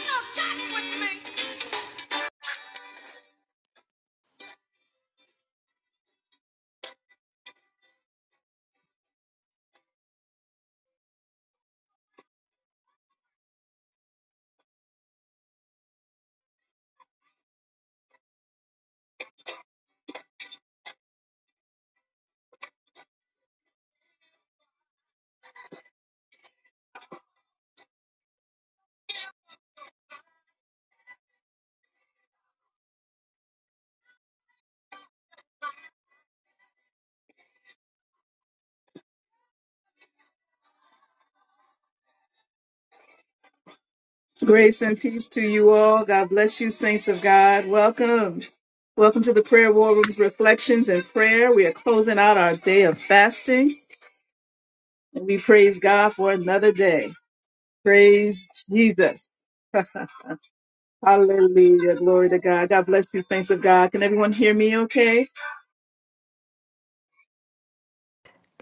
no Grace and peace to you all. God bless you, saints of God. Welcome. Welcome to the Prayer War Room's Reflections and Prayer. We are closing out our day of fasting and we praise God for another day. Praise Jesus. Hallelujah. Glory to God. God bless you, saints of God. Can everyone hear me okay?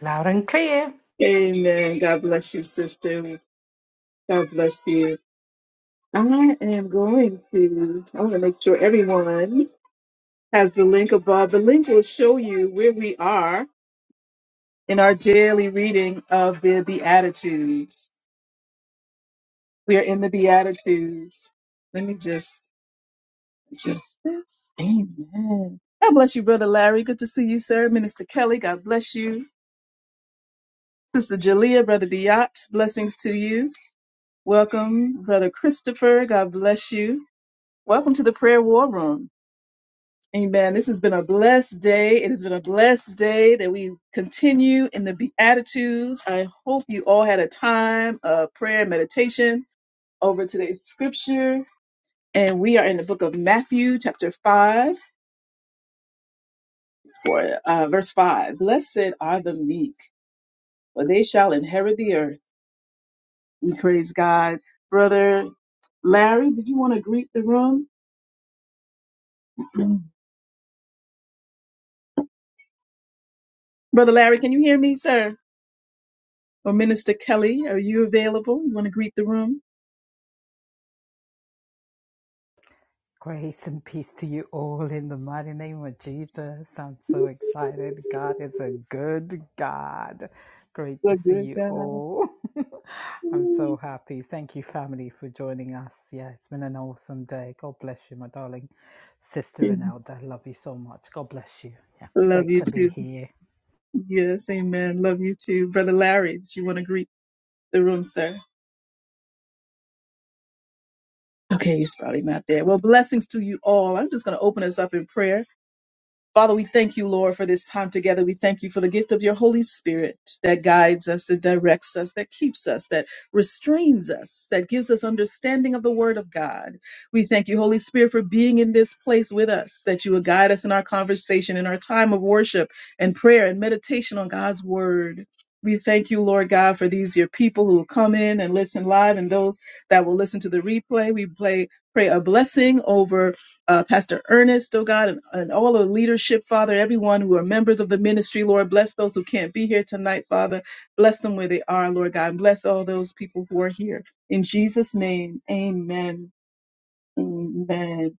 Loud and clear. Amen. God bless you, sister. God bless you. I am going to, I want to make sure everyone has the link above. The link will show you where we are in our daily reading of the Beatitudes. We are in the Beatitudes. Let me just, just this. Amen. God bless you, Brother Larry. Good to see you, sir. Minister Kelly, God bless you. Sister Jalea, Brother Biat, blessings to you. Welcome, Brother Christopher. God bless you. Welcome to the Prayer War Room. Amen. This has been a blessed day. It has been a blessed day that we continue in the Beatitudes. I hope you all had a time of prayer and meditation over today's scripture. And we are in the book of Matthew, chapter 5, or, uh, verse 5. Blessed are the meek, for they shall inherit the earth. We praise God. Brother Larry, did you want to greet the room? Brother Larry, can you hear me, sir? Or Minister Kelly, are you available? You want to greet the room? Grace and peace to you all in the mighty name of Jesus. I'm so excited. God is a good God. Great to The see good you God. all. I'm so happy. Thank you, family, for joining us. Yeah, it's been an awesome day. God bless you, my darling sister and elder. Love you so much. God bless you. Yeah, Love great you to be too. here. Yes, amen. Love you too. Brother Larry, did you want to greet the room, sir? Okay, he's probably not there. Well, blessings to you all. I'm just going to open us up in prayer. Father, we thank you, Lord, for this time together. We thank you for the gift of your Holy Spirit that guides us, that directs us, that keeps us, that restrains us, that gives us understanding of the Word of God. We thank you, Holy Spirit, for being in this place with us, that you will guide us in our conversation, in our time of worship and prayer and meditation on God's Word. We thank you, Lord God, for these your people who will come in and listen live and those that will listen to the replay. We play, pray a blessing over uh, Pastor Ernest, oh God, and, and all the leadership, Father, everyone who are members of the ministry, Lord, bless those who can't be here tonight, Father. Bless them where they are, Lord God, and bless all those people who are here. In Jesus' name, amen. Amen.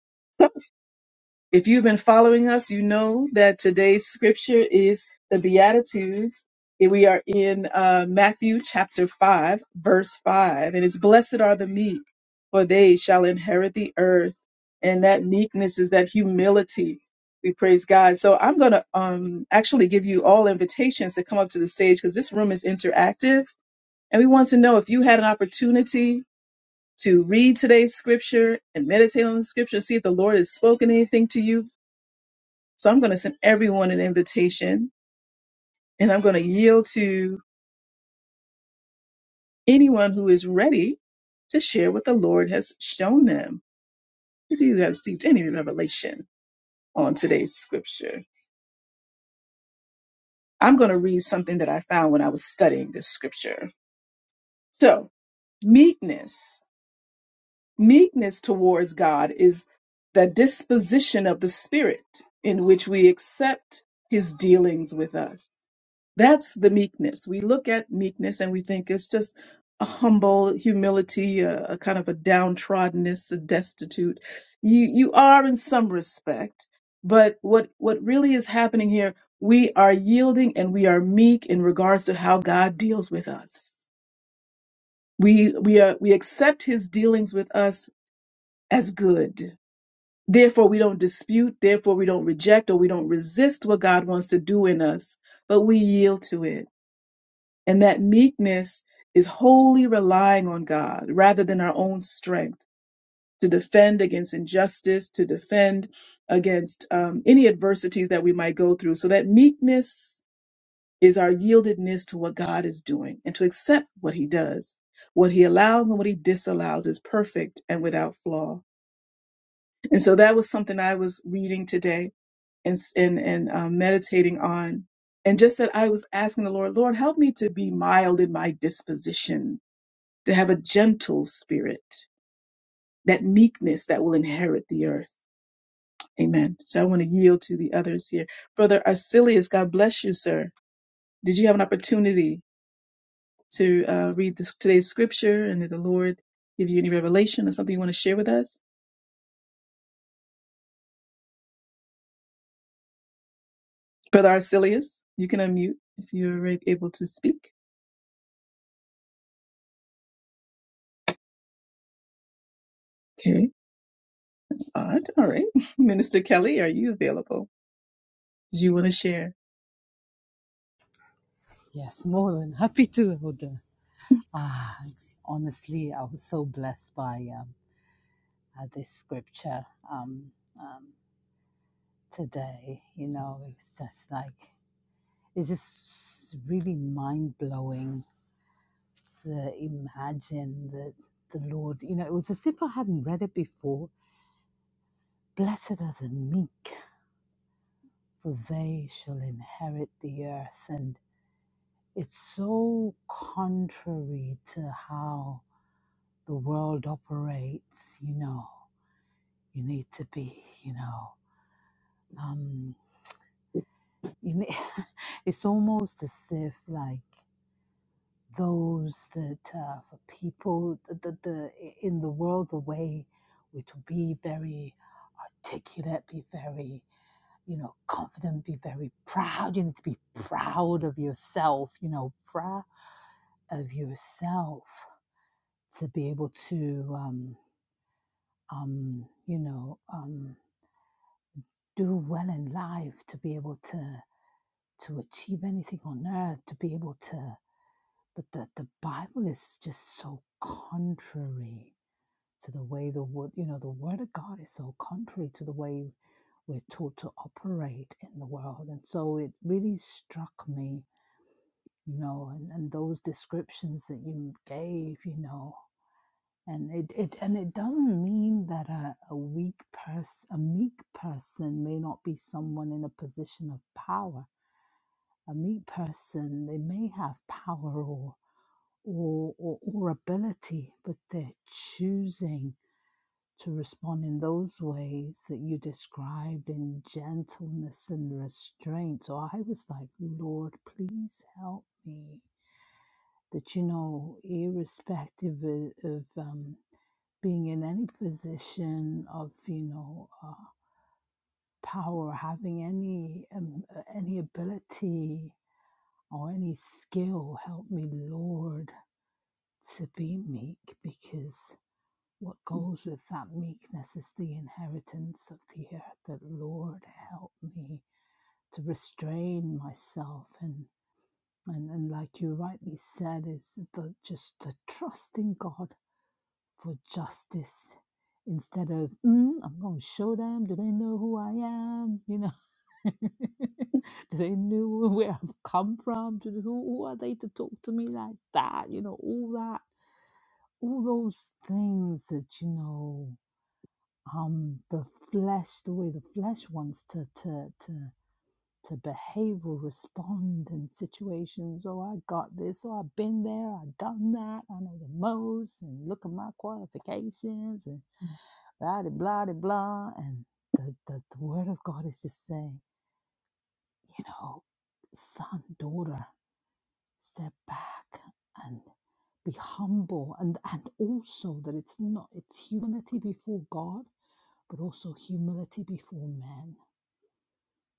If you've been following us, you know that today's scripture is the Beatitudes. We are in uh, Matthew chapter 5, verse 5. And it's blessed are the meek, for they shall inherit the earth. And that meekness is that humility. We praise God. So I'm going to um, actually give you all invitations to come up to the stage because this room is interactive. And we want to know if you had an opportunity to read today's scripture and meditate on the scripture, see if the Lord has spoken anything to you so I'm going to send everyone an invitation and I'm going to yield to anyone who is ready to share what the Lord has shown them. If you have received any revelation on today's scripture, I'm going to read something that I found when I was studying this scripture. So, meekness. Meekness towards God is the disposition of the Spirit in which we accept His dealings with us. That's the meekness. We look at meekness and we think it's just a humble humility, a, a kind of a downtroddenness, a destitute. You you are in some respect, but what what really is happening here? We are yielding and we are meek in regards to how God deals with us. We we are we accept His dealings with us as good. Therefore, we don't dispute, therefore, we don't reject or we don't resist what God wants to do in us, but we yield to it. And that meekness is wholly relying on God rather than our own strength to defend against injustice, to defend against um, any adversities that we might go through. So that meekness is our yieldedness to what God is doing and to accept what He does. What He allows and what He disallows is perfect and without flaw. And so that was something I was reading today and and and um, meditating on, and just that I was asking the Lord, Lord, help me to be mild in my disposition, to have a gentle spirit, that meekness that will inherit the earth. Amen. So I want to yield to the others here, Brother Arcelius. God bless you, sir. Did you have an opportunity to uh, read this, today's scripture, and did the Lord give you any revelation or something you want to share with us, Brother Arcelius? You can unmute if you're able to speak. That's odd. All right. Minister Kelly, are you available? Do you want to share? Yes, more than happy to, elder. Ah, honestly, I was so blessed by um, uh, this scripture. Um, um, today. You know, it's just like, it's just really mind blowing to imagine that the Lord, you know, it was as if I hadn't read it before. Blessed are the meek, for they shall inherit the earth. And it's so contrary to how the world operates, you know, you need to be, you know, um, you ne- it's almost as if like those that uh, for people the, the, the in the world the way we to be very articulate be very you know confident be very proud you need to be proud of yourself you know proud of yourself to be able to um um you know um do well in life to be able to to achieve anything on earth to be able to but the, the bible is just so contrary to the way the word, you know, the word of God is so contrary to the way we're taught to operate in the world. And so it really struck me, you know, and, and those descriptions that you gave, you know, and it, it and it doesn't mean that a, a weak person a meek person may not be someone in a position of power. A meek person, they may have power or or, or, or ability, but they're choosing to respond in those ways that you described in gentleness and restraint. So I was like, Lord, please help me. That, you know, irrespective of, of um, being in any position of, you know, uh, power, having any, um, uh, any ability or any skill, help me, Lord, to be meek because What Mm. goes with that meekness is the inheritance of the earth. That Lord help me to restrain myself and and, and like you rightly said, is the just the trust in God for justice instead of mm, I'm going to show them. Do they know who I am? You know. Do they know where I've come from? Do, who, who are they to talk to me like that? You know, all that all those things that you know um the flesh the way the flesh wants to to to to behave or respond in situations oh i got this oh i've been there i've done that i know the most and look at my qualifications and Hmm. blah de blah de blah and the, the the word of god is just saying you know son daughter step back and be humble and and also that it's not it's humility before god but also humility before man.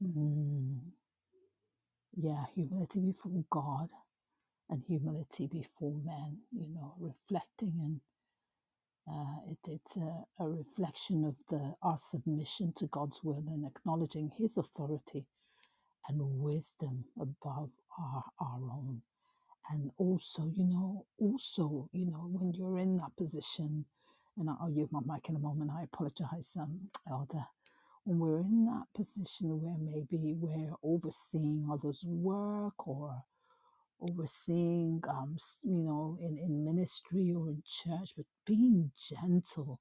Ừm. mm, yeah humility before god and humility before man. you know reflecting and uh, it, it's a, a reflection of the our submission to god's will and acknowledging his authority and wisdom above our, our own. And also, you know, also, you know, when you're in that position, and I'll use my mic in a moment, I apologize, um, Elder. When we're in that position where maybe we're overseeing others' work or overseeing, um, s- you know, in, in ministry or in church, but being gentle,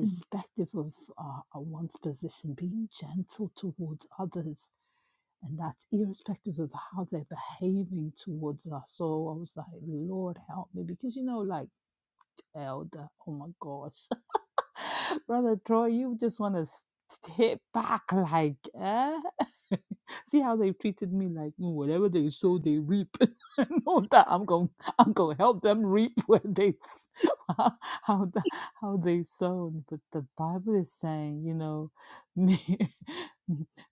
Ừm. of uh, uh, one's position, being gentle towards others. And that's irrespective of how they're behaving towards us. So I was like, Lord, help me. Because, you know, like, elder, oh my gosh. Brother Troy, you just want to hit back like, eh? See how they've treated me like "Mm, whatever they sow, they reap. no, that I'm going, I'm going to help them reap where they, how how the, how they've sown. But the Bible is saying, you know, me,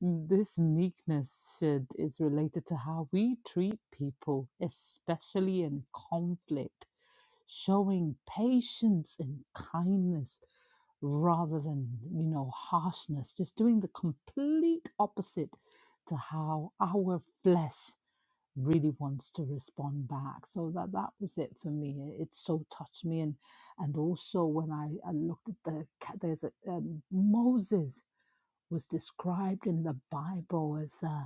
this meekness should is related to how we treat people, especially in conflict showing patience and kindness rather than, you know, harshness, just doing the complete opposite to how our flesh really wants to respond back. So that that was it for me. It, it so touched me, and and also when I, I looked at the ca- there's a um, Moses was described in the Bible as. uh,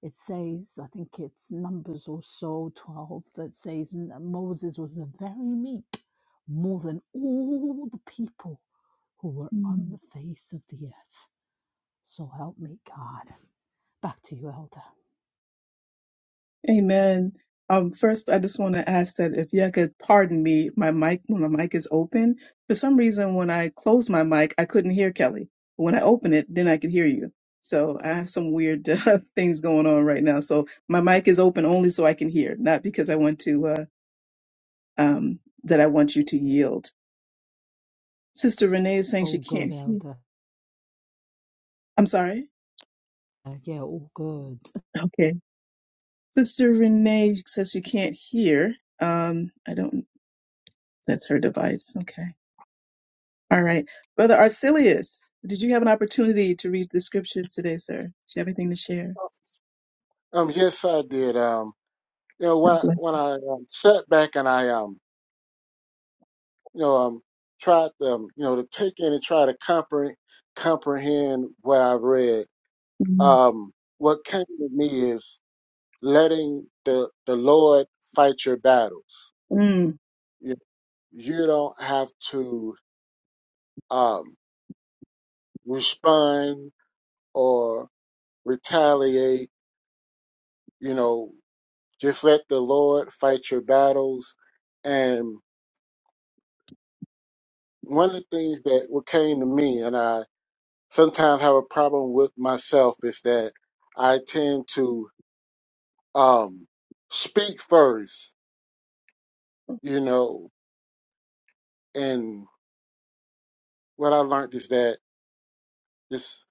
it says, I think it's Numbers or so 12, that says "N- Moses was a very meek, more than all the people who were on Ừm. the face of the earth. So help me, God. Back to you, Elder. Amen. Um, first, I just want to ask that if you could pardon me, my mic, when my mic is open, for some reason, when I closed my mic, I couldn't hear Kelly. When I open it, then I could hear you. So I have some weird uh, things going on right now. So my mic is open only so I can hear, not because I want to, uh, um, that I want you to yield. Sister Renee is saying All she good, can't hear. Elder. I'm sorry. Uh, Yeah, all good. Okay. Sister Renee says she can't hear. Um, I don't, that's her device. Okay. All right. Brother Arcelius, did you have an opportunity to read the scripture today, sir? Do you have anything to share? Um, yes, I did. Um, you know, when God I, bless. when I um, sat back and I um, you know, um, tried to um, you know to take in and try to comprehend comprehend what I've read. Mm. Um, what came to me is letting the the Lord fight your battles. Mm. You, you don't have to um respond or retaliate. You know, just let the Lord fight your battles, and. one of the things that what came to me, and I sometimes have a problem with myself, is that I tend to um, speak first, you know. And what I learned is that just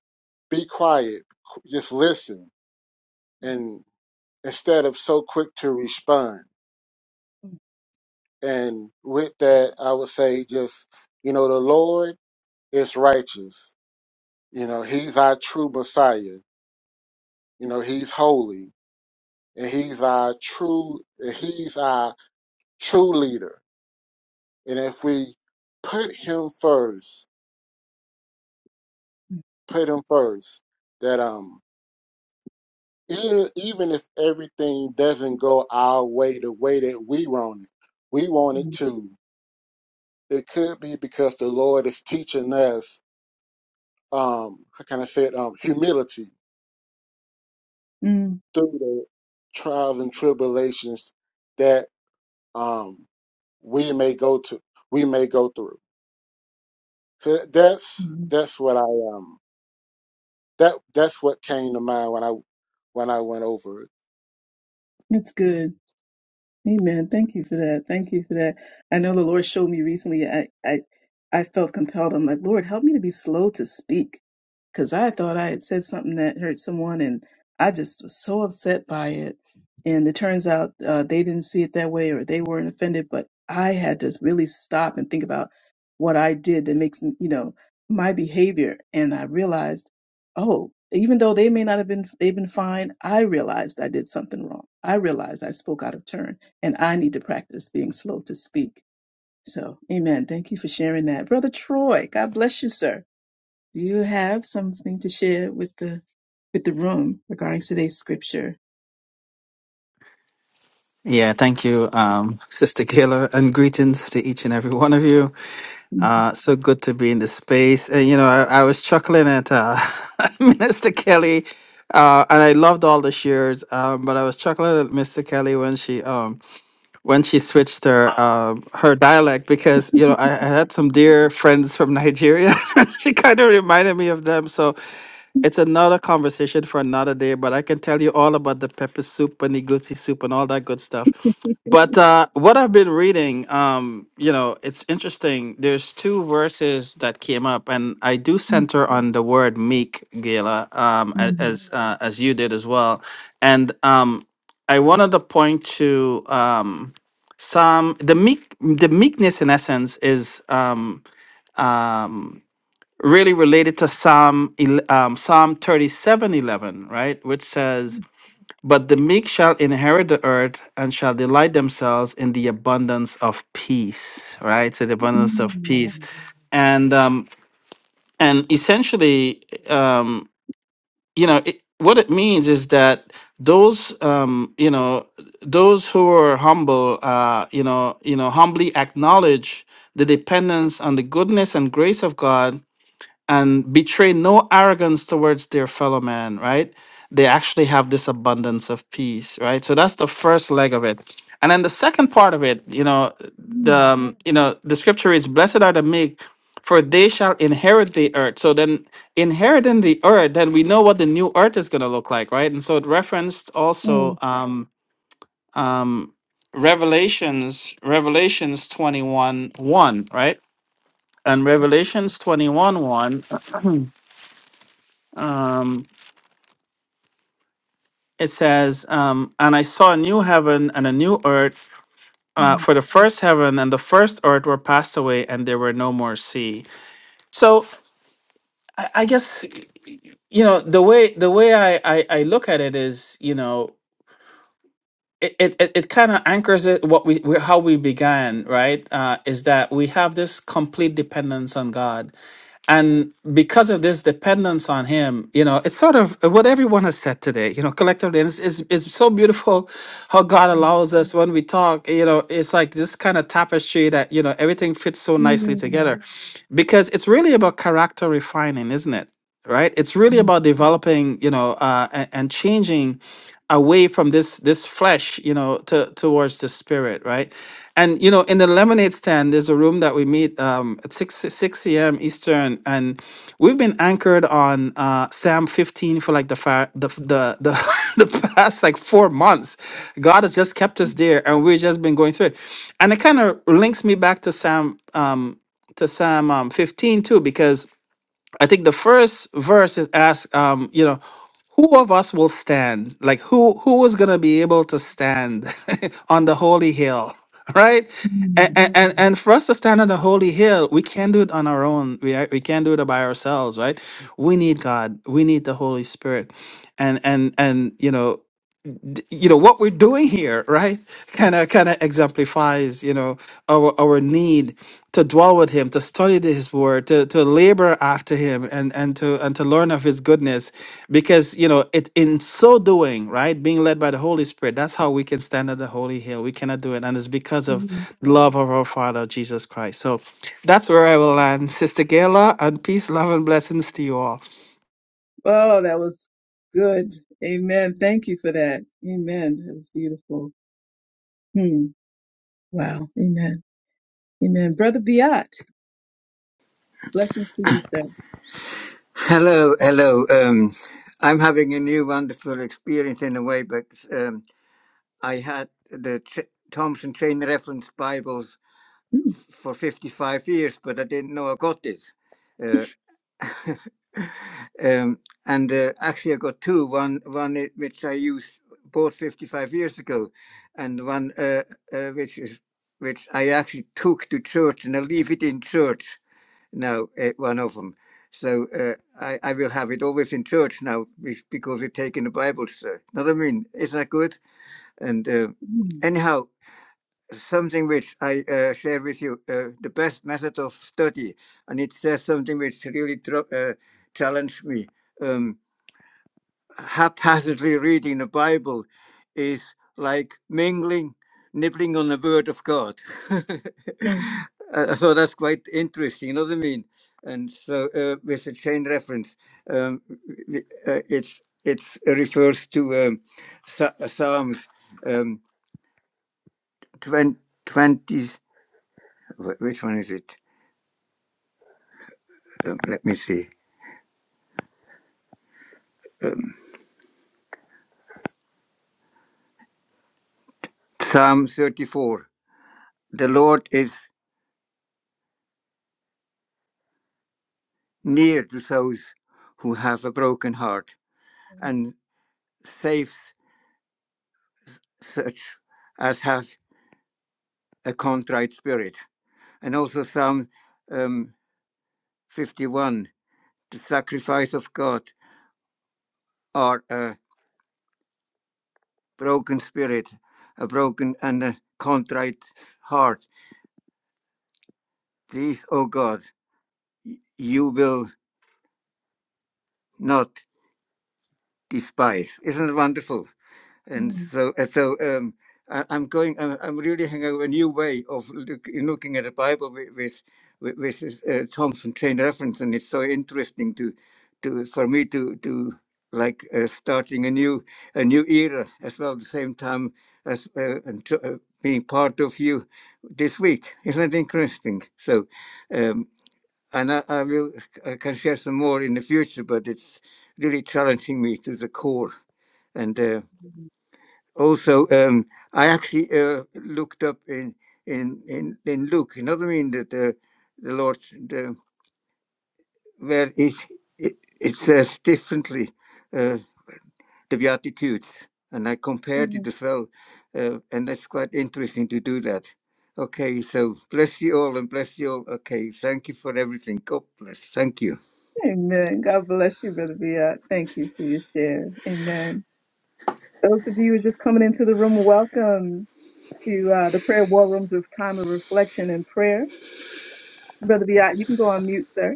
be quiet, qu- just listen, Mm. and instead of so quick to respond. And with that, I would say just you know the Lord is righteous. You know, He's our true Messiah. You know, He's holy and he's our true and he's our true leader and if we put him first Mm. put him first that um even, even if everything doesn't go our way the way that we want it we want it to it could be because the lord is teaching us um how can i say it um humility Mm. through the trials and tribulations that um we may go to we may go through So that's Mm. that's what I um that that's what came to mind when I when I went over it. That's good. Amen. Thank you for that. Thank you for that. I know the Lord showed me recently. I I, I felt compelled. I'm like, Lord, help me to be slow to speak, because I thought I had said something that hurt someone, and I just was so upset by it. And it turns out uh, they didn't see it that way, or they weren't offended. But I had to really stop and think about what I did that makes me, you know, my behavior. And I realized, oh, even though they may not have been, they've been fine. I realized I did something wrong. I realized I spoke out of turn and I need to practice being slow to speak. So, amen. Thank you for sharing that. Brother Troy, God bless you, sir. Do you have something to share with the with the room regarding today's scripture? Yeah, thank you, um, Sister Kayla, and greetings to each and every one of you. Uh, so good to be in the space. And, you know, I, I was chuckling at uh, Minister Kelly, uh, and I loved all the shares. Um, but I was chuckling at Mr. Kelly when she um, when she switched her um her dialect because you know I, I had some dear friends from Nigeria. she kind of reminded me of them. So it's another conversation for another day, but I can tell you all about the pepper soup and the goosey soup and all that good stuff. But uh, what I've been reading, um, you know, it's interesting. There's two verses that came up, and I do center on the word meek, Gala, um, a- as uh, as you did as well. And um, I wanted to point to um, some the meek, the meekness in essence is. Um, really related to Psalm el- um, Psalm thirty seven eleven, right, which says, "But the meek shall inherit the earth and shall delight themselves in the abundance of peace." Right, so the abundance of peace, and um, and essentially, um, you know, it, what it means is that those um, you know those who are humble, uh, you know, you know, humbly acknowledge the dependence on the goodness and grace of God and betray no arrogance towards their fellow man, right? They actually have this abundance of peace, right? So that's the first leg of it. And then the second part of it, you know, the um, you know, the scripture is blessed are the meek, for they shall inherit the earth. So then inheriting the earth, then we know what the new earth is gonna look like, right? And so it referenced also um um Revelations, Revelations 21 1, right? And Revelations 21 1 um, it says, um, And I saw a new heaven and a new earth, uh, for the first heaven and the first earth were passed away, and there were no more sea. So I, I guess you know the way the way I, I I look at it is you know it it, it, it kind of anchors it what we, we how we began right uh, is that we have this complete dependence on God And because of this dependence on him, you know, it's sort of what everyone has said today, you know, collectively. And it's, it's, it's so beautiful how God allows us when we talk, you know, it's like this kind of tapestry that, you know, everything fits so nicely together because it's really about character refining, isn't it? Right? It's really about developing, you know, uh, and, and changing away from this this flesh you know to towards the spirit right and you know in the lemonade stand there's a room that we meet um at 6 6 a.m eastern and we've been anchored on uh psalm 15 for like the fa- the the the, the past like four months god has just kept us there and we've just been going through it and it kind of links me back to psalm um to psalm um, 15 too because I think the first verse is ask, um, you know, who of us will stand? Like who who is gonna be able to stand on the holy hill, right? And, and and for us to stand on the holy hill, we can't do it on our own. We are, we can't do it by ourselves, right? We need God. We need the Holy Spirit, and and and you know d- you know what we're doing here right kind of kind of exemplifies you know our our need to dwell with him to study his word to to labor after him and and to and to learn of his goodness because you know it in so doing right being led by the holy spirit that's how we can stand at the holy hill we cannot do it and it's because of the love of our father jesus christ so that's where i will land sister gayla and peace love and blessings to you all Oh, that was good. Amen. Thank you for that. Amen. That was beautiful. Hmm. Wow. Amen. Amen. Brother Biat, blessings to you, sir. Hello, hello. Um, I'm having a new wonderful experience in a way, but um, I had the Tr Thompson Chain Reference Bibles for 55 years, but I didn't know I got it. Uh, um, and uh, actually, I got two. One, one i- which I used bought 55 years ago, and one uh, uh, which is which I actually took to church, and I leave it in church now uh, one of them. So uh, I, I will have it always in church now because we're taking the Bible, sir. Know what I mean? Isn't that good? And uh, Mm, anyhow, something which I uh, share with you, uh, the best method of study, and it says something which really dro- uh, challenged me. Um, haphazardly reading the Bible is like mingling, nibbling on the Word of God. I mm, I thought that's quite interesting, you know what I mean? And so, uh, with the chain reference, um, w- w- uh, it's it's it refers to um, Sa- uh, Psalms um, 20, wh- which one is it? Um, let me see. Um, Psalm 34. The Lord is near to those who have a broken heart and saves such as have a contrite spirit. And also Psalm um, 51 the sacrifice of God are a broken spirit, a broken and a contrite heart. These, O God, you will not despise. Isn't it wonderful? and mm, so and so um I, i'm going I'm, I'm really having a new way of look, looking at the bible with with, with with this, uh, thompson chain reference and it's so interesting to to for me to to like uh, starting a new a new era as well at the same time as uh, and to, uh, being part of you this week isn't that interesting so um and I, I will I can share some more in the future but it's really challenging me to the core and uh, mm, also um, I actually uh, looked up in in in in Luke. You know what I mean? That the the Lord the where is it, it says differently uh, the Beatitudes, and I compared it mm. as well, uh, and that's quite interesting to do that. Okay, so bless you all and bless you all. Okay, thank you for everything. God bless. Thank you. Amen. God bless you, Brother Bia. Thank you for your share. Amen. Those of you who are just coming into the room, welcome to uh, the Prayer War Rooms with Time of Reflection and Prayer. Brother Bia, you can go on mute, sir.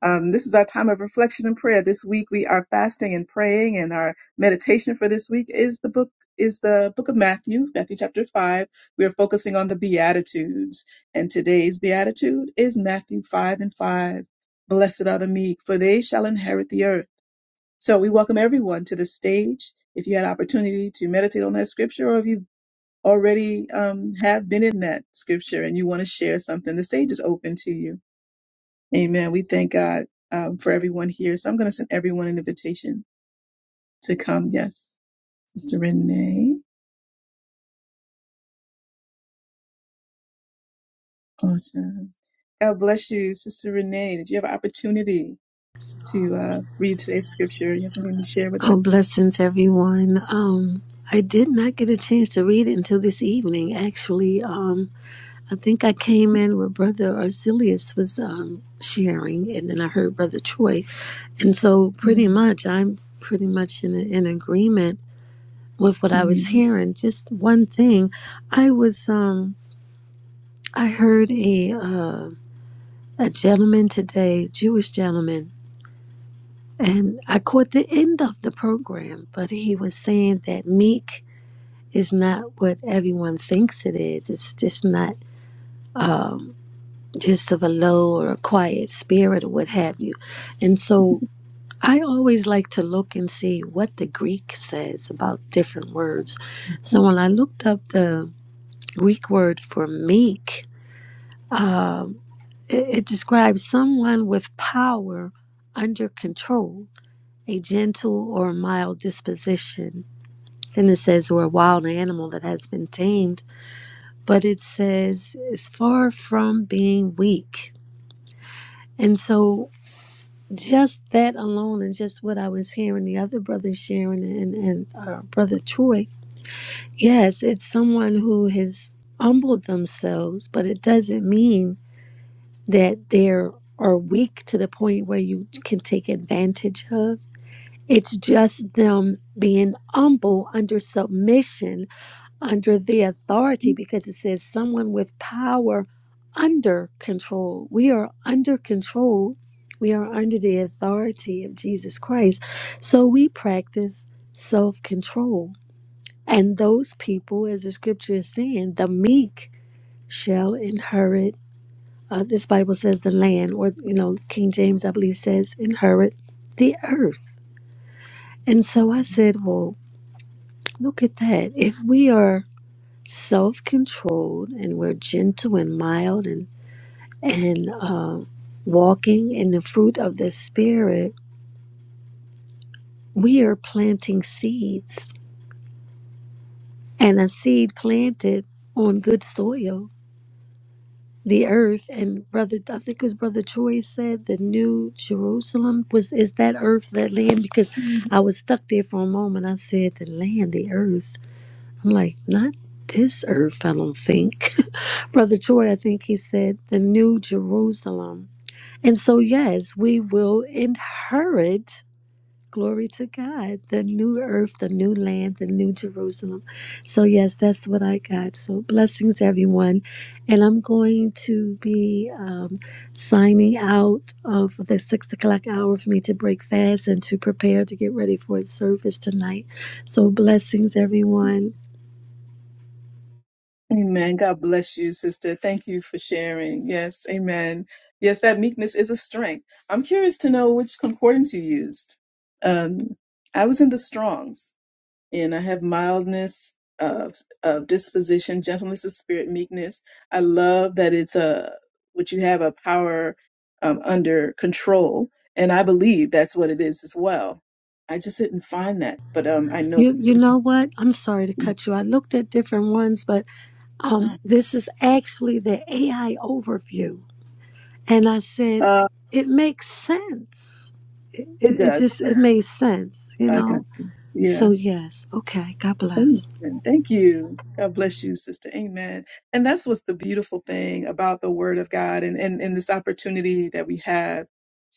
Um, this is our time of reflection and prayer. This week we are fasting and praying, and our meditation for this week is the book is the book of Matthew, Matthew chapter five. We are focusing on the Beatitudes, and today's Beatitude is Matthew five and five. Blessed are the meek, for they shall inherit the earth. So we welcome everyone to the stage. If you had opportunity to meditate on that scripture, or if you already um, have been in that scripture and you want to share something, the stage is open to you. Amen. We thank God um, for everyone here. So I'm going to send everyone an invitation to come. Yes. Sister Renee. Awesome. God bless you, Sister Renee. Did you have an opportunity to uh, read today's scripture? You have something to share with Oh, us? blessings, everyone. Um, I did not get a chance to read it until this evening. Actually, um, I think I came in where Brother Arzilius was um, sharing, and then I heard Brother Troy, and so pretty Mhm. much I'm pretty much in in agreement with what I was Mhm. hearing. Just one thing, I was um, I heard a uh, a gentleman today, Jewish gentleman, and I caught the end of the program, but he was saying that meek is not what everyone thinks it is. It's just not um, just of a low or a quiet spirit or what have you. And so I always like to look and see what the Greek says about different words. So when I looked up the Greek word for meek, um, it, it describes someone with power under control, a gentle or mild disposition. Then it says, or a wild animal that has been tamed but it says it's far from being weak. And so just that alone and just what I was hearing the other brother sharing and, and uh, brother Troy, yes, it's someone who has humbled themselves, but it doesn't mean that they're are weak to the point where you can take advantage of. It's just them being humble under submission under the authority because it says someone with power under control. We are under control. We are under the authority of Jesus Christ. So we practice self control. And those people, as the scripture is saying, the meek shall inherit. Uh, this Bible says the land, or, you know, King James, I believe, says inherit the earth. And so I said, well, look at that. If we are self controlled and we're gentle and mild and and uh, walking in the fruit of the spirit we are planting seeds and a seed planted on good soil the earth and brother i think it was brother troy said the new jerusalem was is that earth that land because i was stuck there for a moment i said the land the earth I'm like, not this earth, I don't think. Brother George, I think he said the new Jerusalem. And so, yes, we will inherit, glory to God, the new earth, the new land, the new Jerusalem. So, yes, that's what I got. So, blessings, everyone. And I'm going to be um, signing out of the six o'clock hour for me to break fast and to prepare to get ready for a service tonight. So, blessings, everyone. Amen. God bless you, sister. Thank you for sharing. Yes. Amen. Yes, that meekness is a strength. I'm curious to know which concordance you used. Um, I was in the Strongs. and I have mildness of of disposition, gentleness of spirit, meekness. I love that it's a what you have a power um, under control, and I believe that's what it is as well. I just didn't find that, but um, I know You you know what? I'm sorry to cut you. I looked at different ones, but um, this is actually the AI overview, and I said uh, it makes sense. It, it, it it does. just But it made sense, you I got know. you. Yeah. So yes, okay. God bless. Amen. Thank you. God bless you, sister. Amen. And that's what's the beautiful thing about the word of God and, and, and this opportunity that we have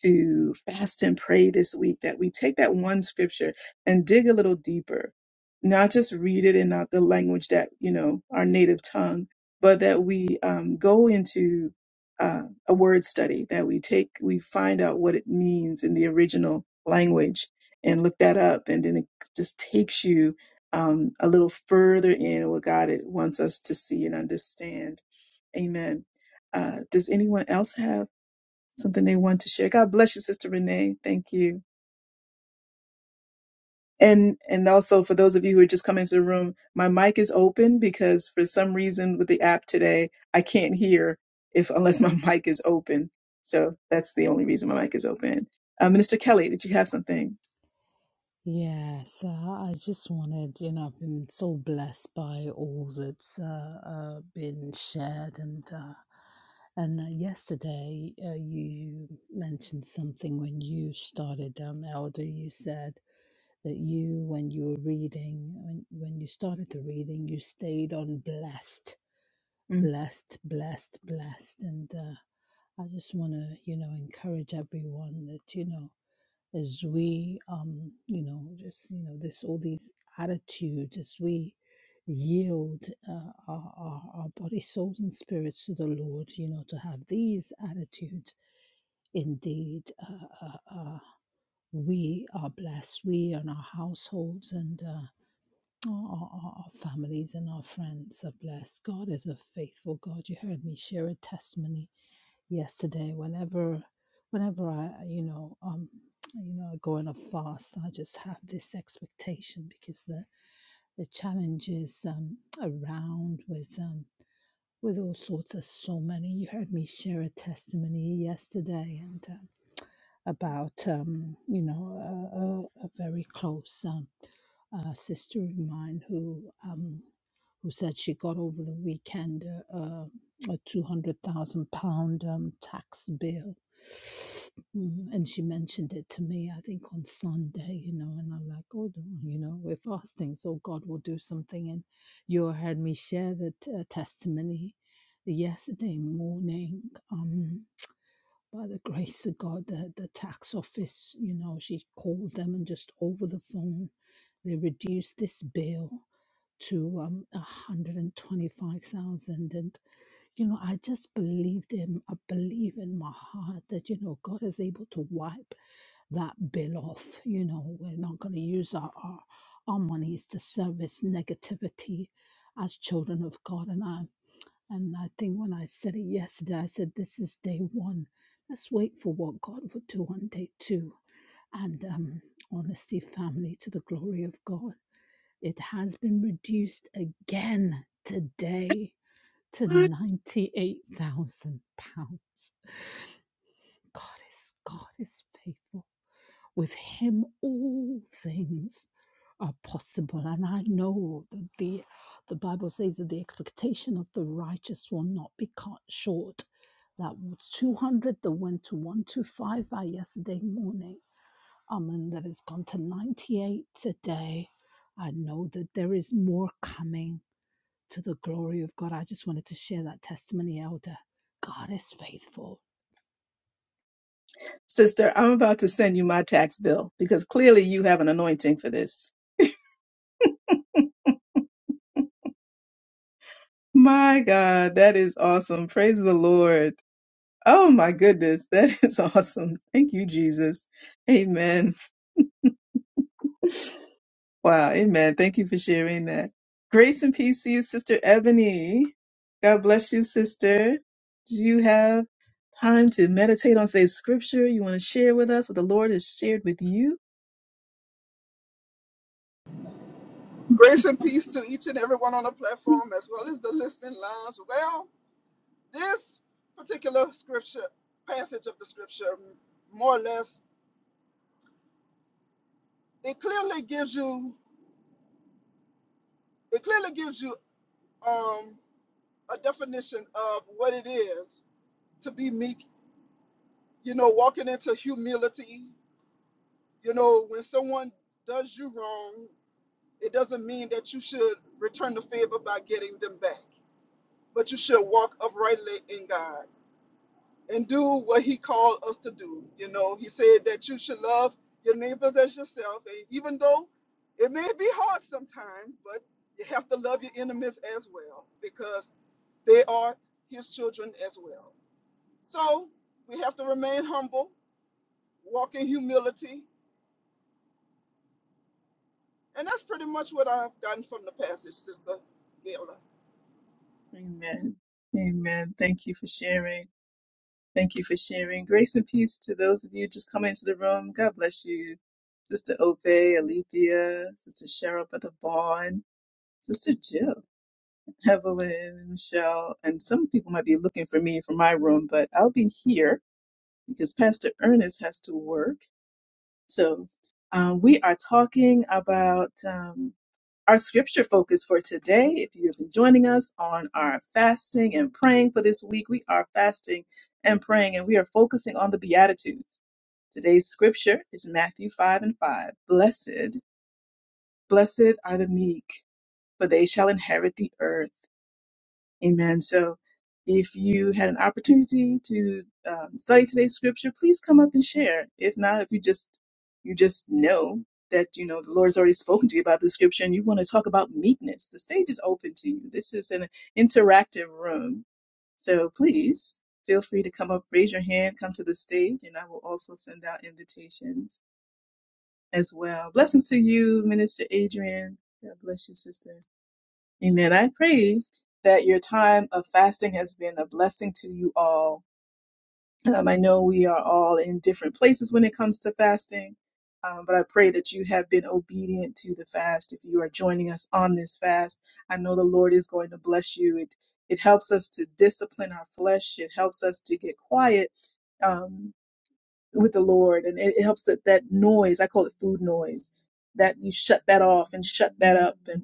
to fast and pray this week, that we take that one scripture and dig a little deeper, not just read it in not the language that, you know, our native tongue, but that we um, go into uh, a word study, that we take, we find out what it means in the original language and look that up. And then it just takes you um, a little further in what God wants us to see and understand. Amen. Uh, does anyone else have something they want to share? God bless you, Sister Renee. Thank you. And and also for those of you who are just coming to the room, my mic is open because for some reason with the app today, I can't hear if unless my mic is open. So that's the only reason my mic is open. Uh, Minister Kelly, did you have something? Yes, uh, I just wanted, you know, I've been so blessed by all that's uh, uh, been shared, and uh, and uh, yesterday uh, you mentioned something when you started, um, Elder. You said that you, when you were reading, when when you started the reading, you stayed on blessed, Mm-hmm. blessed, blessed, blessed, and uh, I just want to, you know, encourage everyone that you know as we um you know just you know this all these attitudes as we yield uh, our, our our body souls and spirits to the lord you know to have these attitudes indeed uh, uh, uh, we are blessed we and our households and uh, Oh, Our, our, our families and our friends are blessed. God is a faithful God. You heard me share a testimony yesterday. Whenever, whenever I, you know, um, you know, I go on a fast, I just have this expectation because the the challenges um, around with um, with all sorts of so many. You heard me share a testimony yesterday and um, about um, you know a, a, a very close. Um, a sister of mine who um, who said she got over the weekend uh, uh, a two hundred thousand pound um, tax bill, Mm, and she mentioned it to me. I think on Sunday, you know, and I'm like, oh, don't- you know, we're fasting, so God will do something. And you heard me share that uh, testimony yesterday morning. um by the grace of God, the, the tax office, you know, she called them and just over the phone, they reduced this bill to um, 125,000. And, you know, I just believed him. I believe in my heart that, you know, God is able to wipe that bill off. You know, we're not going to use our, our, our monies to service negativity as children of God. And I and I think when I said it yesterday, I said, This is day one. Let's wait for what God would do on day two. And um, honestly, family, to the glory of God, it has been reduced again today to £98,000. God is, God is faithful. With him, all things are possible. And I know that the, the Bible says that the expectation of the righteous will not be cut short. That was 200 that went to 125 by yesterday morning. Um, and that has gone to 98 today. I know that there is more coming to the glory of God. I just wanted to share that testimony, Elder. God is faithful. Sister, I'm about to send you my tax bill because clearly you have an anointing for this. My God, that is awesome. Praise the Lord. Oh my goodness, that is awesome. Thank you, Jesus. Amen. Wow, amen. Thank you for sharing that. Grace and peace to you, Sister Ebony. God bless you, sister. Do you have time to meditate on today's scripture you want to share with us, what the Lord has shared with you? Grace and peace to each and everyone on the Hmm. platform as well as the listening lounge. Well, this particular scripture passage of the scripture more or less it clearly gives you it clearly gives you um a definition of what it is to be meek, you know, walking into humility. You know, when someone does you wrong, it doesn't mean that you should return the favor by getting them back, but you should walk uprightly in God. and do what he called us to do. You know, he said that you should love your neighbors as yourself. And even though it may be hard sometimes, but you have to love your enemies as well because they are his children as well. So we have to remain humble, walk in humility. And that's pretty much what I've done from the passage, Sister Gayla. Amen. Amen. Thank you for sharing. Thank you for sharing. Grace and peace to those of you just coming into the room. God bless you. Sister Ope, Alethea, Sister Cheryl, Brother Vaughn, Sister Jill, Evelyn, Michelle, and some people might be looking for me from my room, but I'll be here. because Pastor Ernest has to work. So um, we are talking about um, our scripture focus for today. If you've been joining us on our fasting and praying for this week, we are fasting and praying, and we are focusing on the Beatitudes. Today's scripture is Matthew 5 and 5. Blessed, blessed are the meek, for they shall inherit the earth. Amen. So if you had an opportunity to um, study today's scripture, please come up and share. If not, if you just you just know that you know the Lord's already spoken to you about the scripture and you want to talk about meekness, the stage is open to you. This is an interactive room. So please feel free to come up, raise your hand, come to the stage, and I will also send out invitations as well. Blessings to you, Minister Adrian. God bless you, sister. Amen. I pray that your time of fasting has been a blessing to you all. Um, I know we are all in different places when it comes to fasting, um, but I pray that you have been obedient to the fast. If you are joining us on this fast, I know the Lord is going to bless you. It it helps us to discipline our flesh. It helps us to get quiet um, with the Lord, and it, it helps that that noise. I call it food noise. That you shut that off and shut that up, and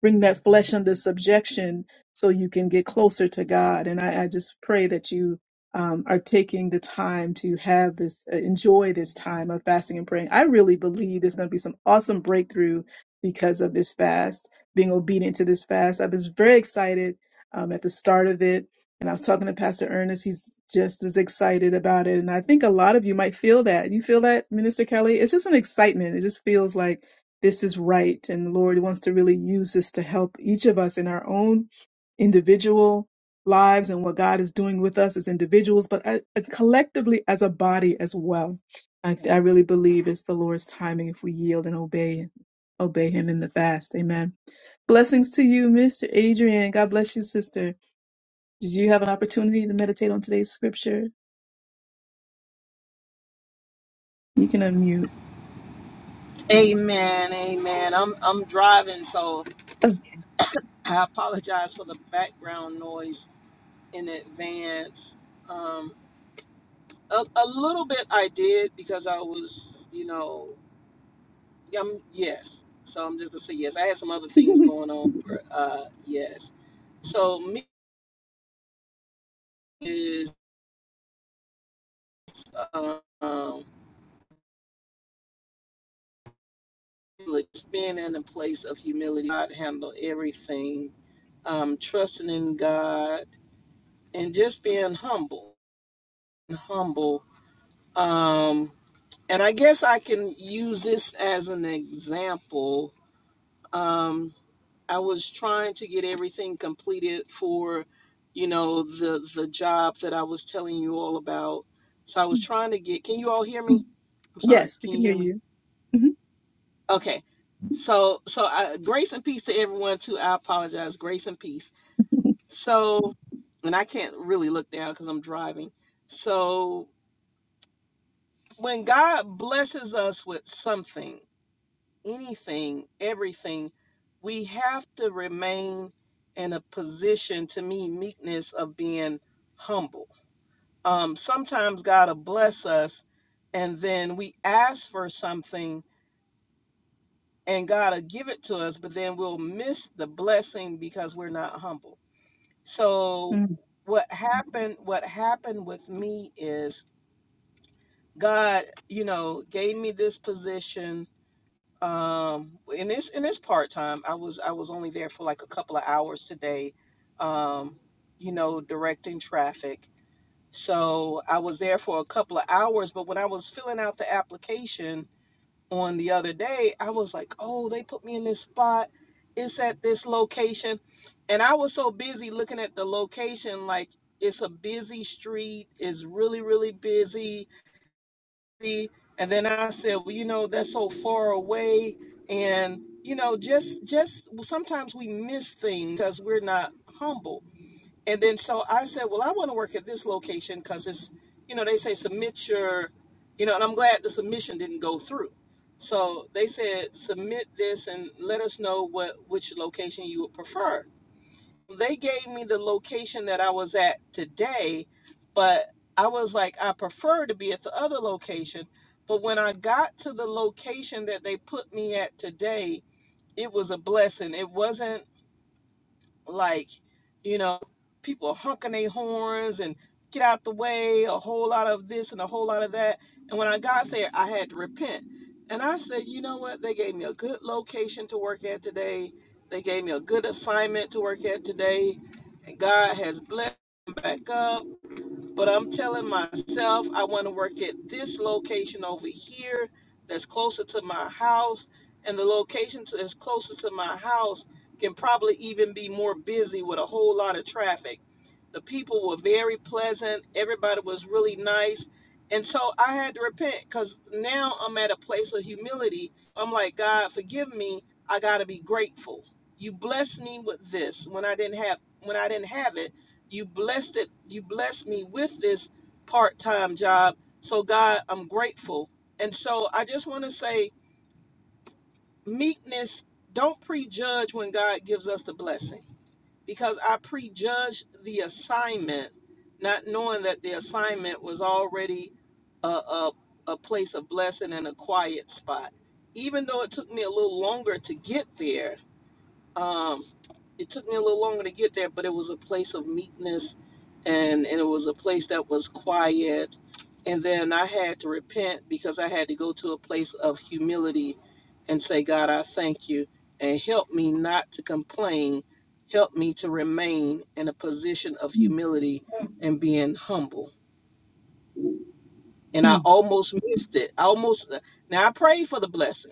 bring that flesh under subjection so you can get closer to God. And I, I just pray that you um, are taking the time to have this, uh, enjoy this time of fasting and praying. I really believe there's going to be some awesome breakthrough because of this fast, being obedient to this fast. I was very excited um, at the start of it. And I was talking to Pastor Ernest. He's just as excited about it. And I think a lot of you might feel that. You feel that, Minister Kelly? It's just an excitement. It just feels like, this is right and the lord wants to really use this to help each of us in our own individual lives and what god is doing with us as individuals but uh, collectively as a body as well I, I really believe it's the lord's timing if we yield and obey obey him in the fast amen blessings to you mr adrian god bless you sister did you have an opportunity to meditate on today's scripture you can unmute Amen, amen. I'm I'm driving, so Oh, I apologize for the background noise in advance. Um, a, a little bit I did because I was, you know, um, yes. So I'm just gonna say yes. I had some other things going on, but uh, yes. So me is um, like being in a place of humility. God handle everything. Um, trusting in God and just being humble, humble. Um, And I guess I can use this as an example. Um, I was trying to get everything completed for, you know, the the job that I was telling you all about. So I was trying to get. Can you all hear me? I'm sorry. yes we Can you can hear hear me? you Mhm. Okay. So so I, grace and peace to everyone too. I apologize. Grace and peace. So, and I can't really look down because I'm driving. So when God blesses us with something. anything, everything, we have to remain in a position to me meekness of being humble. Um, sometimes God will bless us and then we ask for something and God will give it to us, but then we'll miss the blessing because we're not humble. So Mm, what happened what happened with me is God, you know, gave me this position Um, and it's and it's part time. I was I was only there for like a couple of hours today. Um, you know, directing traffic. So I was there for a couple of hours, but when I was filling out the application on the other day, I was like, "Oh, they put me in this spot. It's at this location." And I was so busy looking at the location like it's a busy street, it's really really busy and then i said well you know that's so far away and you know just just well, sometimes we miss things because we're not humble and then so i said well i want to work at this location because it's you know they say submit your you know and i'm glad the submission didn't go through so they said submit this and let us know what which location you would prefer they gave me the location that I was at today, but I was like, I prefer to be at the other location. But when I got to the location that they put me at today, it was a blessing. It wasn't like you know people honking their horns and get out the way a whole lot of this and a whole lot of that and when i got there i had to repent and i said you know what they gave me a good location to work at today they gave me a good assignment to work at today and god has blessed me back up but I'm telling myself I want to work at this location over here that's closer to my house. And the location to- that's closer to my house can probably even be more busy with a whole lot of traffic. The people were very pleasant, everybody was really nice. And so I had to repent because now I'm at a place of humility. I'm like, God, forgive me. I got to be grateful. You blessed me with this when I didn't have when I didn't have it you blessed it you blessed me with this part-time job so god i'm grateful and so i just want to say meekness don't prejudge when god gives us the blessing because i prejudged the assignment not knowing that the assignment was already a, a, a place of blessing and a quiet spot even though it took me a little longer to get there um, it took me a little longer to get there, but it was a place of meekness and, and it was a place that was quiet. And then I had to repent because I had to go to a place of humility and say, God, I thank you and help me not to complain. Help me to remain in a position of mm, humility and being humble. And I almost missed it. I almost, now I prayed for the blessing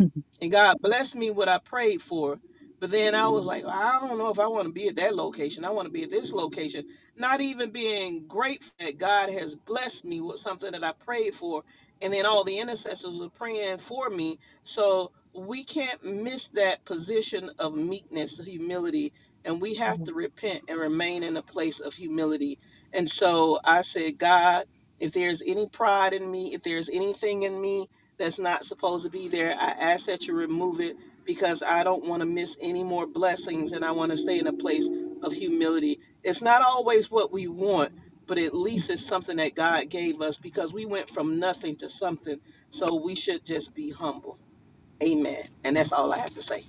mm, and God blessed me what I prayed for. But then I was like, I don't know if I want to be at that location. I want to be at this location. Not even being grateful that God has blessed me with something that I prayed for. And then all the intercessors were praying for me. So we can't miss that position of meekness, humility. And we have mm. to repent and remain in a place of humility. And so I said, God, if there's any pride in me, if there's anything in me that's not supposed to be there. I ask that you remove it because I don't want to miss any more blessings and I want to stay in a place of humility. It's not always what we want, but at least it's something that God gave us because we went from nothing to something. So we should just be humble. Amen. And that's all I have to say.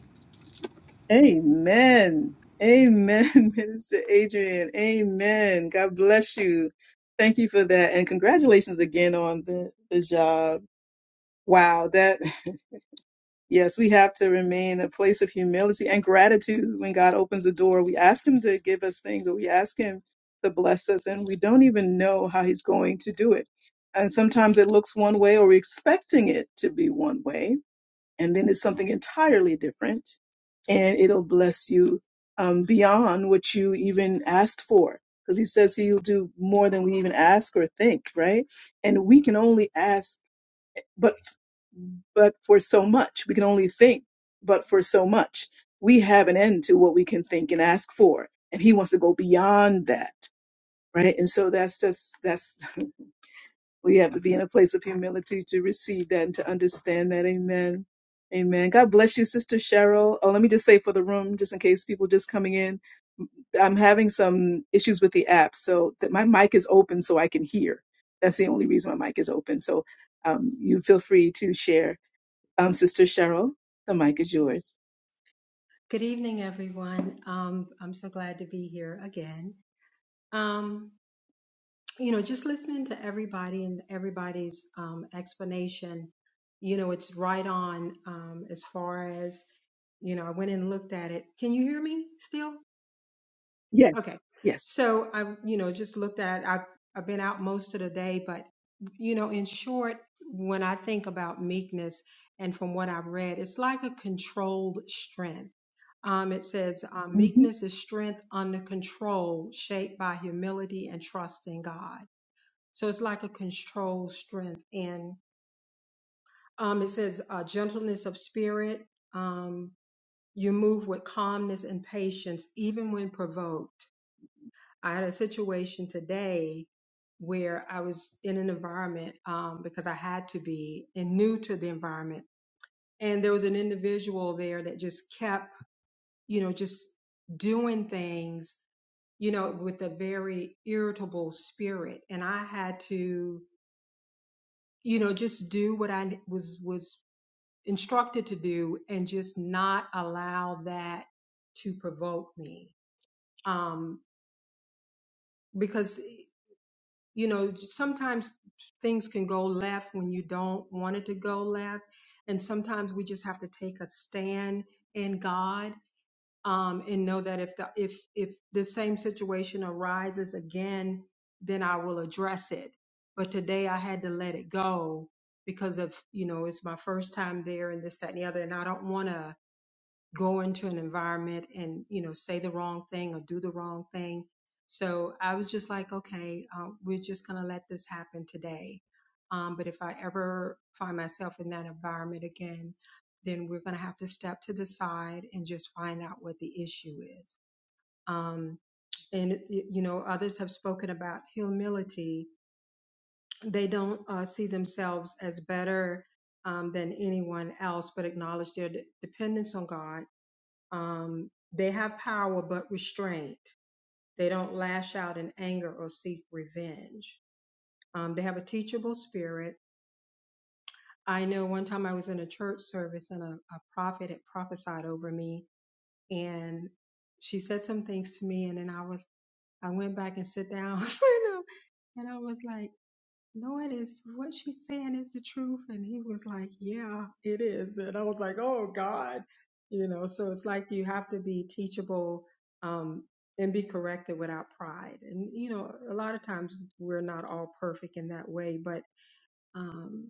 Amen. Amen, Minister Adrian. Amen. God bless you. Thank you for that. And congratulations again on the, the job. Wow, that yes, we have to remain a place of humility and gratitude when God opens the door. We ask him to give us things or we ask him to bless us and we don't even know how he's going to do it. And sometimes it looks one way or we're expecting it to be one way and then it's something entirely different and it'll bless you um, beyond what you even asked for because he says he'll do more than we even ask or think right and we can only ask but but for so much we can only think but for so much we have an end to what we can think and ask for and he wants to go beyond that right and so that's just that's We have to be in a place of humility to receive that and to understand that. Amen. Amen. God bless you, Sister Cheryl. Oh, let me just say for the room, just in case people just coming in, I'm having some issues with the app. So that my mic is open so I can hear. That's the only reason my mic is open. So um, you feel free to share um, Sister Cheryl, the mic is yours. Good evening, everyone. Um, I'm so glad to be here again. Um, you know, just listening to everybody and everybody's um, explanation, you know, it's right on um, as far as, you know, I went and looked at it. Can you hear me still? Yes. Okay. Yes. So I, you know, just looked at, I've, I've been out most of the day, but, you know, in short, when I think about meekness and from what I've read, it's like a controlled strength. Um, it says, um, hmm meekness is strength under control, shaped by humility and trust in God. So it's like a controlled strength. And um, it says, uh, gentleness of spirit. Um, you move with calmness and patience, even when provoked I had a situation today where I was in an environment um, because I had to be and new to the environment. And there was an individual there that just kept, you know, just doing things, you know, with a very irritable spirit. And I had to, you know, just do what I was was instructed to do and just not allow that to provoke me. Um, because you know, sometimes things can go left when you don't want it to go left. And sometimes we just have to take a stand in God um, and know that if the if if the same situation arises again, then I will address it. But today I had to let it go because of, you know, it's my first time there and this, that, and the other. And I don't want to go into an environment and you know say the wrong thing or do the wrong thing so i was just like okay uh, we're just going to let this happen today um, but if i ever find myself in that environment again then we're going to have to step to the side and just find out what the issue is um, and you know others have spoken about humility they don't uh, see themselves as better um, than anyone else but acknowledge their de- dependence on god um, they have power but restraint. They don't lash out in anger or seek revenge. Um, they have a teachable spirit. I know one time I was in a church service and a, a prophet had prophesied over me and she said some things to me and then I was I went back and sit down you know, and I was like no, it is what she's saying is the truth. And he was like, yeah, it is. And I was like, oh God, you know, so it's like you have to be teachable, um, and be corrected without pride. And, you know, a lot of times we're not all perfect in that way, but um,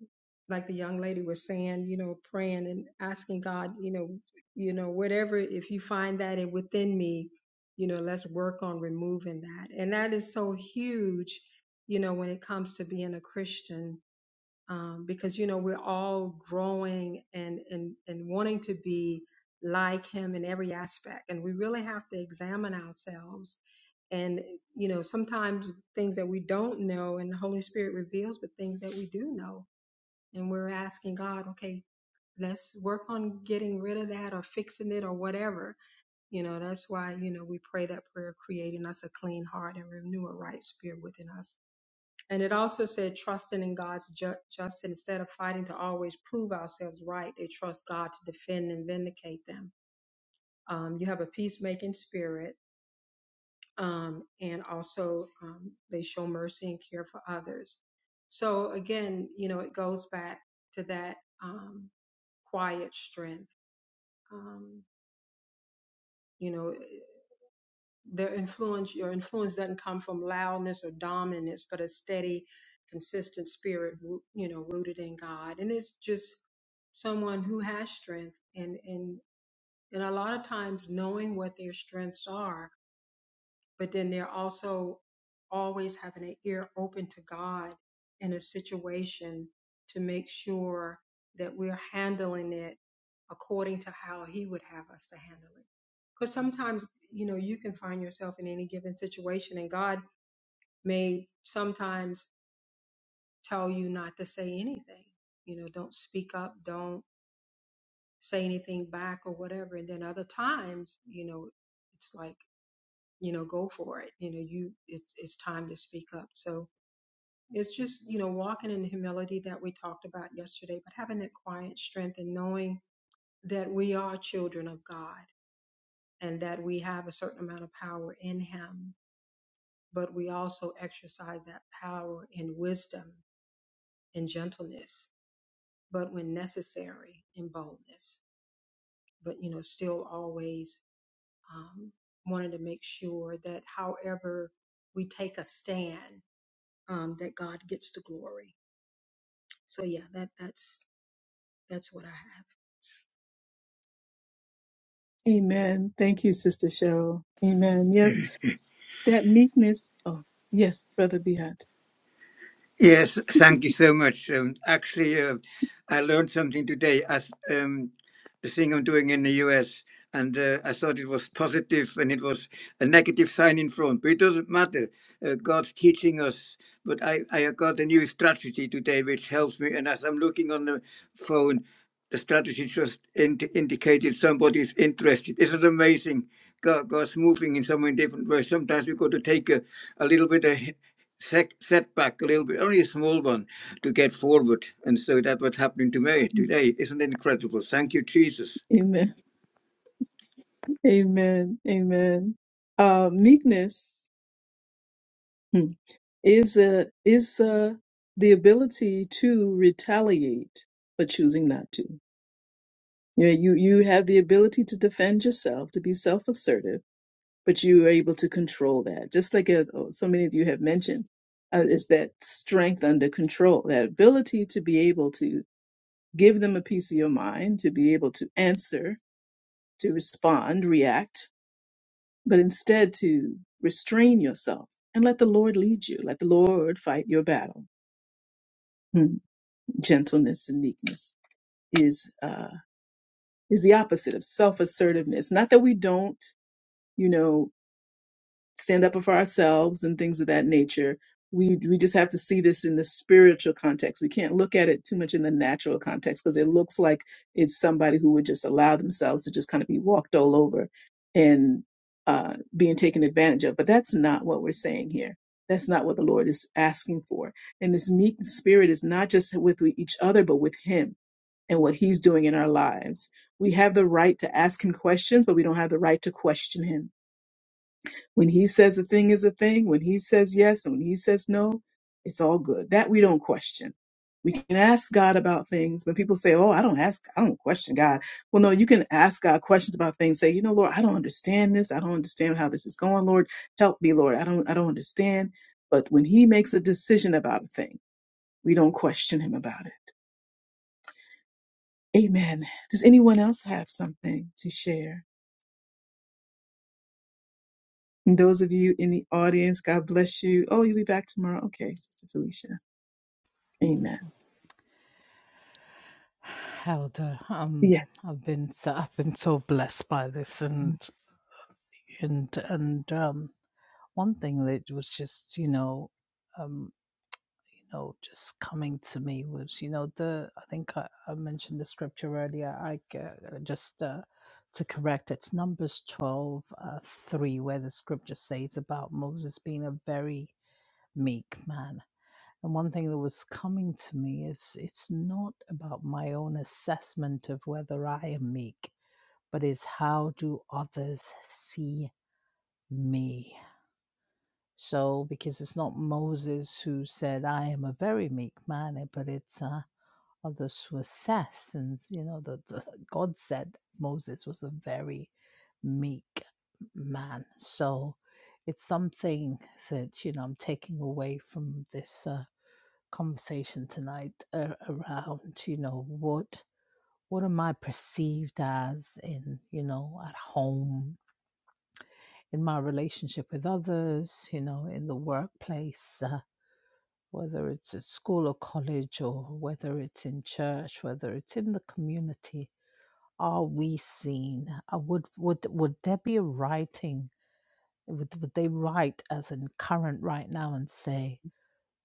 like the young lady was saying, you know, praying and asking God, you know, you know, whatever, if you find that in within me, you know, let's work on removing that. And that is so huge, you know, when it comes to being a Christian, um, because, you know, we're all growing and, and, and wanting to be like him in every aspect. And we really have to examine ourselves and you know sometimes things that we don't know and the holy spirit reveals but things that we do know and we're asking God, okay, let's work on getting rid of that or fixing it or whatever. You know, that's why, you know, we pray that prayer, creating us a clean heart and renew a right spirit within us. And it also said, trusting in God's ju- justice instead of fighting to always prove ourselves right, they trust God to defend and vindicate them. Um, you have a peacemaking spirit um, and also um, they show mercy and care for others. So again, you know, it goes back to that um, quiet strength. Um, you know, their influence, your influence doesn't come from loudness or dominance, but a steady, consistent spirit, roo- you know, rooted in God. And it's just someone who has strength and, and, and a lot of times knowing what their strengths are but then they're also always having an ear open to God in a situation to make sure that we're handling it according to how He would have us to handle it. Because sometimes, you know, you can find yourself in any given situation, and God may sometimes tell you not to say anything. You know, don't speak up, don't say anything back or whatever. And then other times, you know, it's like, you know go for it you know you it's it's time to speak up so it's just you know walking in the humility that we talked about yesterday but having that quiet strength and knowing that we are children of god and that we have a certain amount of power in him but we also exercise that power in wisdom and gentleness but when necessary in boldness but you know still always um, wanting to make sure that however we take a stand um, that God gets the glory. So yeah, that that's that's what I Amen. Thank you, Sister Cheryl. Amen. Yes, that meekness. Oh, yes, Brother Behat. Yes, thank you so much. Um, actually, uh, I learned something today as um, the thing I'm doing in the US, and uh, I thought it was positive and it was a negative sign in front, but it doesn't matter. Uh, God's teaching us. But I, I got a new strategy today which helps me, and as I'm looking on the phone, the strategy just in- indicated somebody's interested. Isn't it amazing? God, God's moving in so many different ways. Sometimes we got to take a, a little bit of sec- setback a little bit, only a small one, to get forward. And so that's what's happening to me today. Isn't it incredible? Thank you, Jesus. Amen. Amen. Amen. Uh, meekness hmm, is a, is uh the ability to retaliate for choosing not to. Yeah, you you have the ability to defend yourself, to be self-assertive, but you are able to control that. Just like uh, so many of you have mentioned, uh, is that strength under control, that ability to be able to give them a piece of your mind, to be able to answer, to respond, react, but instead to restrain yourself and let the Lord lead you, let the Lord fight your battle. Hmm. Gentleness and meekness is uh, is the opposite of self assertiveness. Not that we don't, you know. stand up for ourselves and things of that nature. We we just have to see this in the spiritual context. We can't look at it too much in the natural context because it looks like it's somebody who would just allow themselves to just kind of be walked all over and uh, being taken advantage of. But that's not what we're saying here. That's not what the Lord is asking for. And this meek spirit is not just with we- each other, but with Him and what He's doing in our lives. We have the right to ask Him questions, but we don't have the right to question Him when he says a thing is a thing, when he says yes and when he says no, it's all good. That we don't question. We can ask God about things. When people say, Oh, I don't ask, I don't question God. Well, no, you can ask God questions about things. Say, you know, Lord, I don't understand this. I don't understand how this is going. Lord, help me, Lord. I don't, I don't understand. But when he makes a decision about a thing, we don't question him about it. Amen. Does anyone else have something to share? And those of you in the audience, God bless you. Oh, you'll be back tomorrow. Okay, Sister Felicia. Amen. Helder, um, Yes. I've been so, I've been so blessed by this, and and and um, one thing that was just you know, um, you know, just coming to me was you know the I think I, I mentioned the scripture earlier. I g- uh, just uh, to correct it's Numbers twelve uh, three where the scripture says about Moses being a very meek man and one thing that was coming to me is it's not about my own assessment of whether I am meek, but is how do others see me? So, because it's not Moses who said, I am a very meek man, eh, but it's uh, others who assess. And, you know, the, the, God said Moses was a very meek man. So, it's something that, you know, I'm taking away from this. Uh, conversation tonight uh, around you know what what am i perceived as in you know at home in my relationship with others you know in the workplace uh, whether it's at school or college or whether it's in church whether it's in the community are we seen uh, would would would there be a writing would, would they write as in current right now and say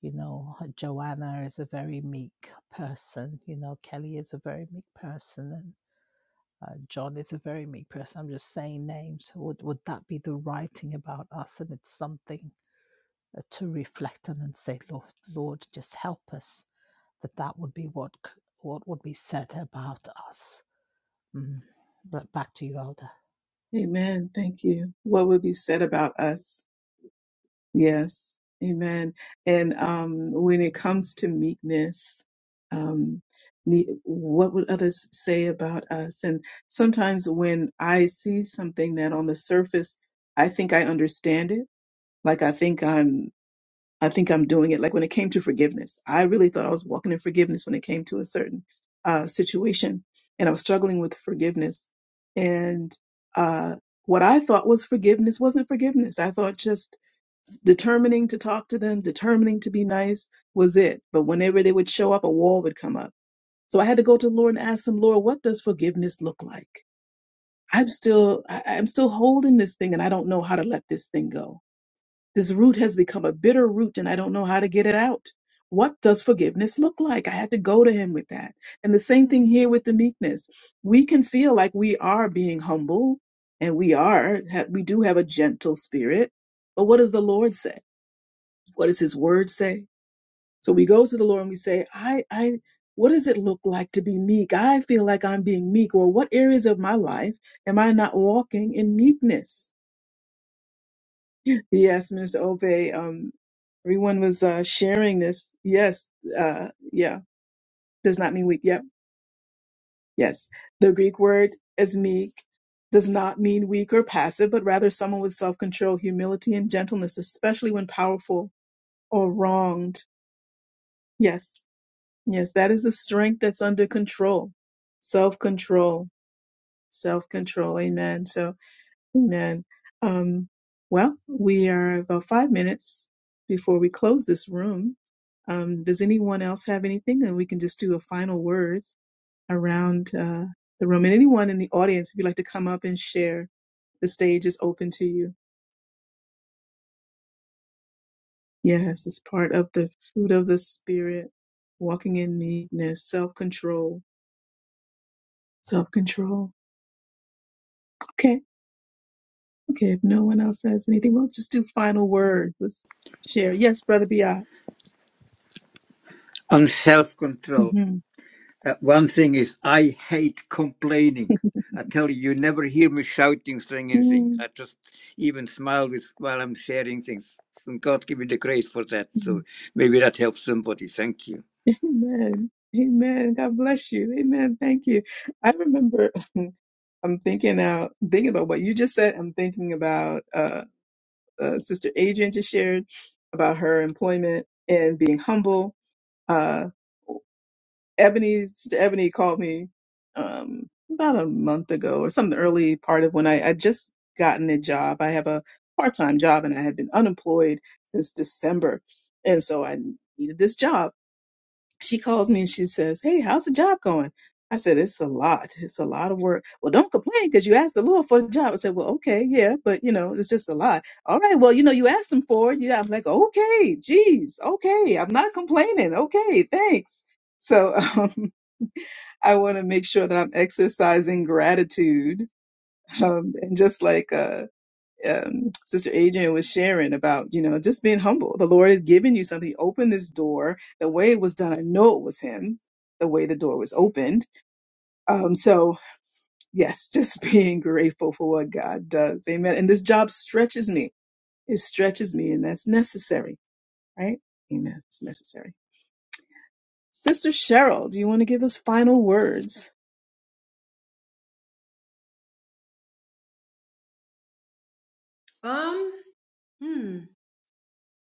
You know, uh, Joanna is a very meek person. You know, Kelly is a very meek person, and uh, John is a very meek person. I'm just saying names. Would would that be the writing about us? And it's something uh, to reflect on and say, Lord, Lord, just help us. That that would be what c- what would be said about us. Mm. But back to you, Elder. Amen. Thank you. What would be said about us? Yes. Amen. And um, when it comes to meekness, um, ne- what would others say about us? And sometimes when I see something that on the surface, I think I understand it, like I think I'm I think I'm doing it. Like when it came to forgiveness, I really thought I was walking in forgiveness when it came to a certain uh, situation, and I was struggling with forgiveness. And uh, what I thought was forgiveness wasn't forgiveness. I thought just s- determining to talk to them, determining to be nice was it. But whenever they would show up, a wall would come up. So I had to go to the Lord and ask him, Lord, what does forgiveness look like? I'm still, I- I'm still holding this thing, and I don't know how to let this thing go. This root has become a bitter root and I don't know how to get it out. What does forgiveness look like? I had to go to him with that. And the same thing here with the meekness. We can feel like we are being humble and we are, ha- we do have a gentle spirit. But what does the Lord say? What does his word say? So we go to the Lord and we say, I, I, what does it look like to be meek? I feel like I'm being meek. Or what areas of my life am I not walking in meekness? Yes, Mr. Obey. Um, everyone was uh, sharing this. Yes, uh, yeah, does not mean weak. Yep, yes. The Greek word is meek, does not mean weak or passive, but rather someone with self control, humility, and gentleness, especially when powerful or wronged. Yes, yes, that is the strength that's under control. Self control, self control. Amen. So, Amen. Um, well, we are about five minutes before we close this room. Um, does anyone else have anything? And we can just do a final words around uh, the room. And anyone in the audience, if you'd like to come up and share, the stage is open to you. Yes, it's part of the fruit of the spirit, walking in meekness, self control, self control. Okay, okay. If no one else has anything, we'll just do final words. Let's share. Yes, Brother Biot. And self control. hmm one thing is, I hate complaining. I tell you, you never hear me shouting, saying anything. Mm. I just even smile with while I'm sharing things. And God give me the grace for that. So maybe that helps somebody. Thank you. Amen. Amen. God bless you. Amen. Thank you. I remember I'm thinking out thinking about what you just said. I'm thinking about uh, uh Sister Adrian just shared about her employment and being humble. Uh Ebony Sister Ebony called me um about a month ago or some early part of when I I just gotten a job. I have a part-time job and I had been unemployed since December. And so I needed this job she calls me and she says, Hey, how's the job going? I said, It's a lot. It's a lot of work. Well, don't complain because you asked the Lord for the job. I said, Well, okay, yeah, but you know, it's just a lot. All right, well, you know, you asked him for it. Yeah, I'm like, Okay, geez, okay, I'm not complaining. Okay, thanks. So um, I want to make sure that I'm exercising gratitude. Um, and just like uh, um, Sister Adrian was sharing about, you know, just being humble. The Lord had given you something. He opened this door. The way it was done, I know it was Him. The way the door was opened. Um, so yes, just being grateful for what God does. Amen. And this job stretches me. It stretches me, and that's necessary, right? Amen. It's necessary. Sister Cheryl, do you want to give us final words? have. Um, hmm,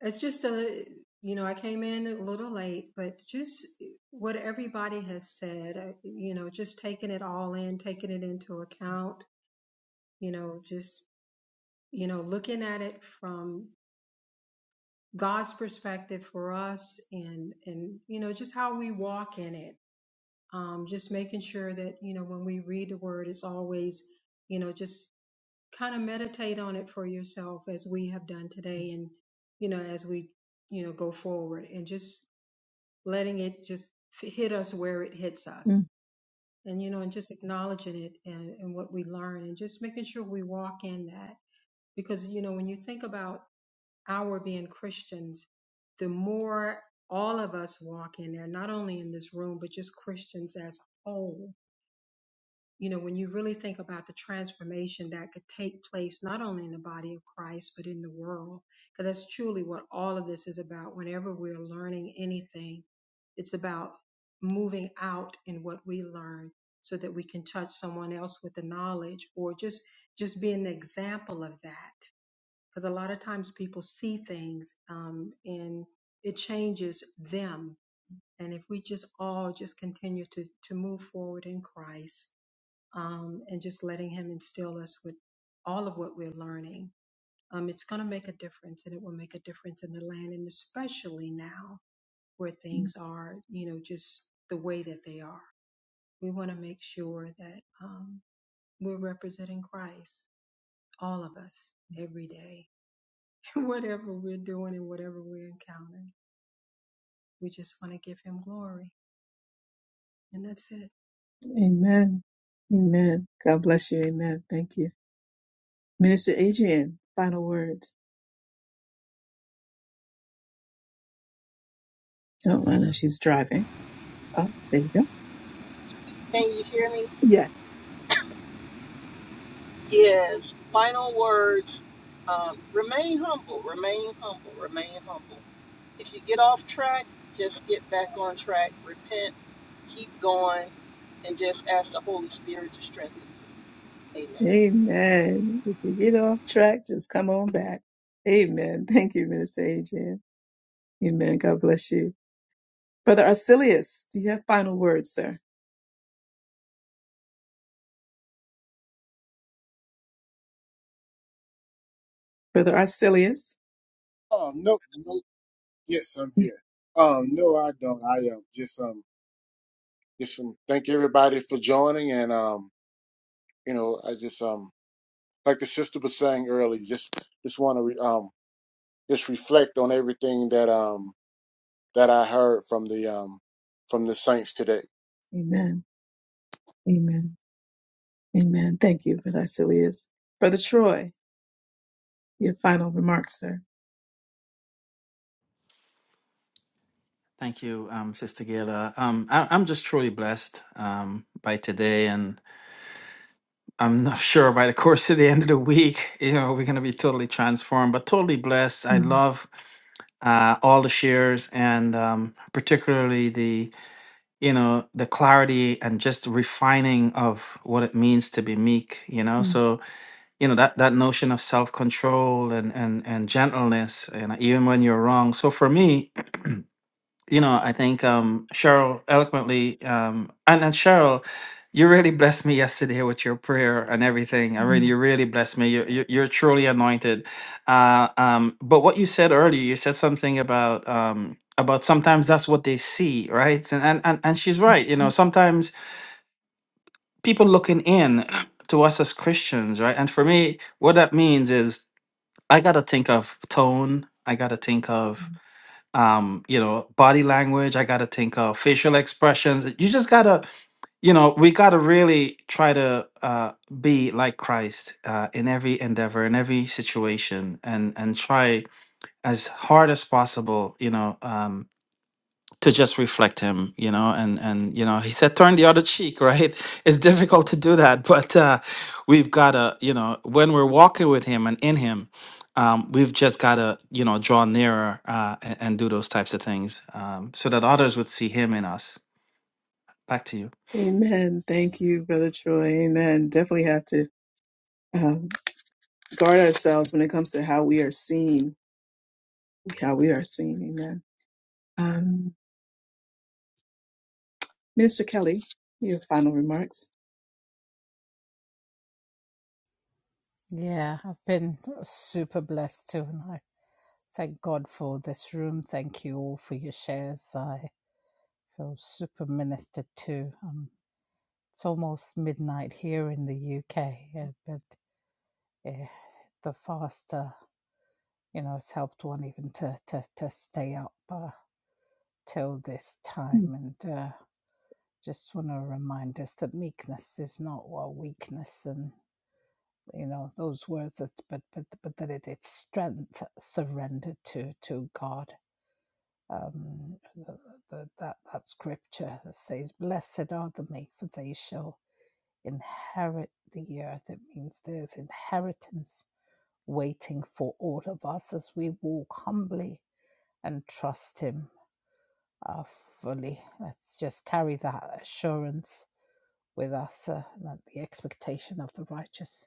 it's just a you know I came in a little late, but just what everybody has said, uh, you know, just taking it all in, taking it into account, you know, just you know looking at it from God's perspective for us, and and you know just how we walk in it. Um, just making sure that you know when we read the word, it's always you know just kind of meditate on it for yourself as we have done today and you know as we you know go forward and just letting it just f- hit us where it hits us Mm, and you know and just acknowledging it and, and what we learn and just making sure we walk in that because you know when you think about our being christians the more all of us walk in there not only in this room but just christians as a whole you know, when you really think about the transformation that could take place, not only in the body of Christ, but in the world, because that's truly what all of this is about. Whenever we're learning anything, it's about moving out in what we learn so that we can touch someone else with the knowledge or just, just be an example of that. Because a lot of times people see things, um, and it changes them. And if we just all just continue to, to move forward in Christ, um, and just letting Him instill us with all of what we're learning. Um, it's going to make a difference, and it will make a difference in the land, and especially now where things are, you know, just the way that they are. We want to make sure that um, we're representing Christ, all of us, every day, whatever we're doing and whatever we're encountering. We just want to give Him glory, and that's it. Amen. Amen. God bless you. Amen. Thank you. Minister Adrian, final words. Oh, I know she's driving. Oh, there you go. Can you hear me? Yeah. Yes. Final words. Um, remain humble, remain humble, remain humble. If you get off track, just get back on track, repent, keep going, and just ask the Holy Spirit to strengthen you. Amen. Amen. If you get off track, just come on back. Amen. Thank you, Minister Adrian. Amen. God bless you. Brother Arcelius, do you have final words, sir? Brother Arcelius? Oh no, no, yes, I'm Yeah. here. Um, no, I don't. I um, just um, Just um, thank everybody for joining, and um you know I just um like the sister was saying earlier, just just want to re- um just reflect on everything that um that I heard from the um from the saints today. Amen. Amen. Amen. Thank you for that, Silius. Brother Troy, your final remarks, sir. Thank you, um, Sister Gayla. Um, I, I'm just truly blessed um, by today, and I'm not sure by the course of the end of the week, you know, we're going to be totally transformed, but totally blessed. I love uh, all the shares, and um, particularly the, you know, the clarity and just refining of what it means to be meek. You know, so you know that that notion of self control and and and gentleness, and even when you're wrong. So for me, you know, I think um, Cheryl eloquently, um, and, and Cheryl, you really blessed me yesterday with your prayer and everything. I really, you really blessed me. You're, you're you're truly anointed. Uh, um, but what you said earlier, you said something about um, about sometimes that's what they see, right? And, and and and she's right. You know, sometimes people looking in to us as Christians, right? And for me, what that means is I gotta think of tone. I gotta think of um you know body language i gotta think of facial expressions you just gotta you know we gotta really try to uh be like christ uh in every endeavor in every situation and and try as hard as possible you know um to just reflect him you know and and you know he said turn the other cheek right it's difficult to do that but uh we've got to you know when we're walking with him and in him um we've just got to you know draw nearer uh and, and do those types of things um so that others would see him in us back to you Amen. Thank you, Brother Troy. Amen. Definitely have to um, guard ourselves when it comes to how we are seen. How we are seen. Amen. Um, Minister Kelly, your final remarks. Yeah, I've been super blessed too, and I thank God for this room. Thank you all for your shares. I feel super ministered too. Um, it's almost midnight here in the UK, yeah, but eh, the fast, uh, you know, has helped one even to to to stay up uh, till this time. And uh, just want to remind us that meekness is not our weakness, and. you know those words it's, but but but that it, it's strength surrendered to to god um the, the, that that scripture says blessed are the meek for they shall inherit the earth it means there's inheritance waiting for all of us as we walk humbly and trust him uh, fully let's just carry that assurance with us uh, that the expectation of the righteous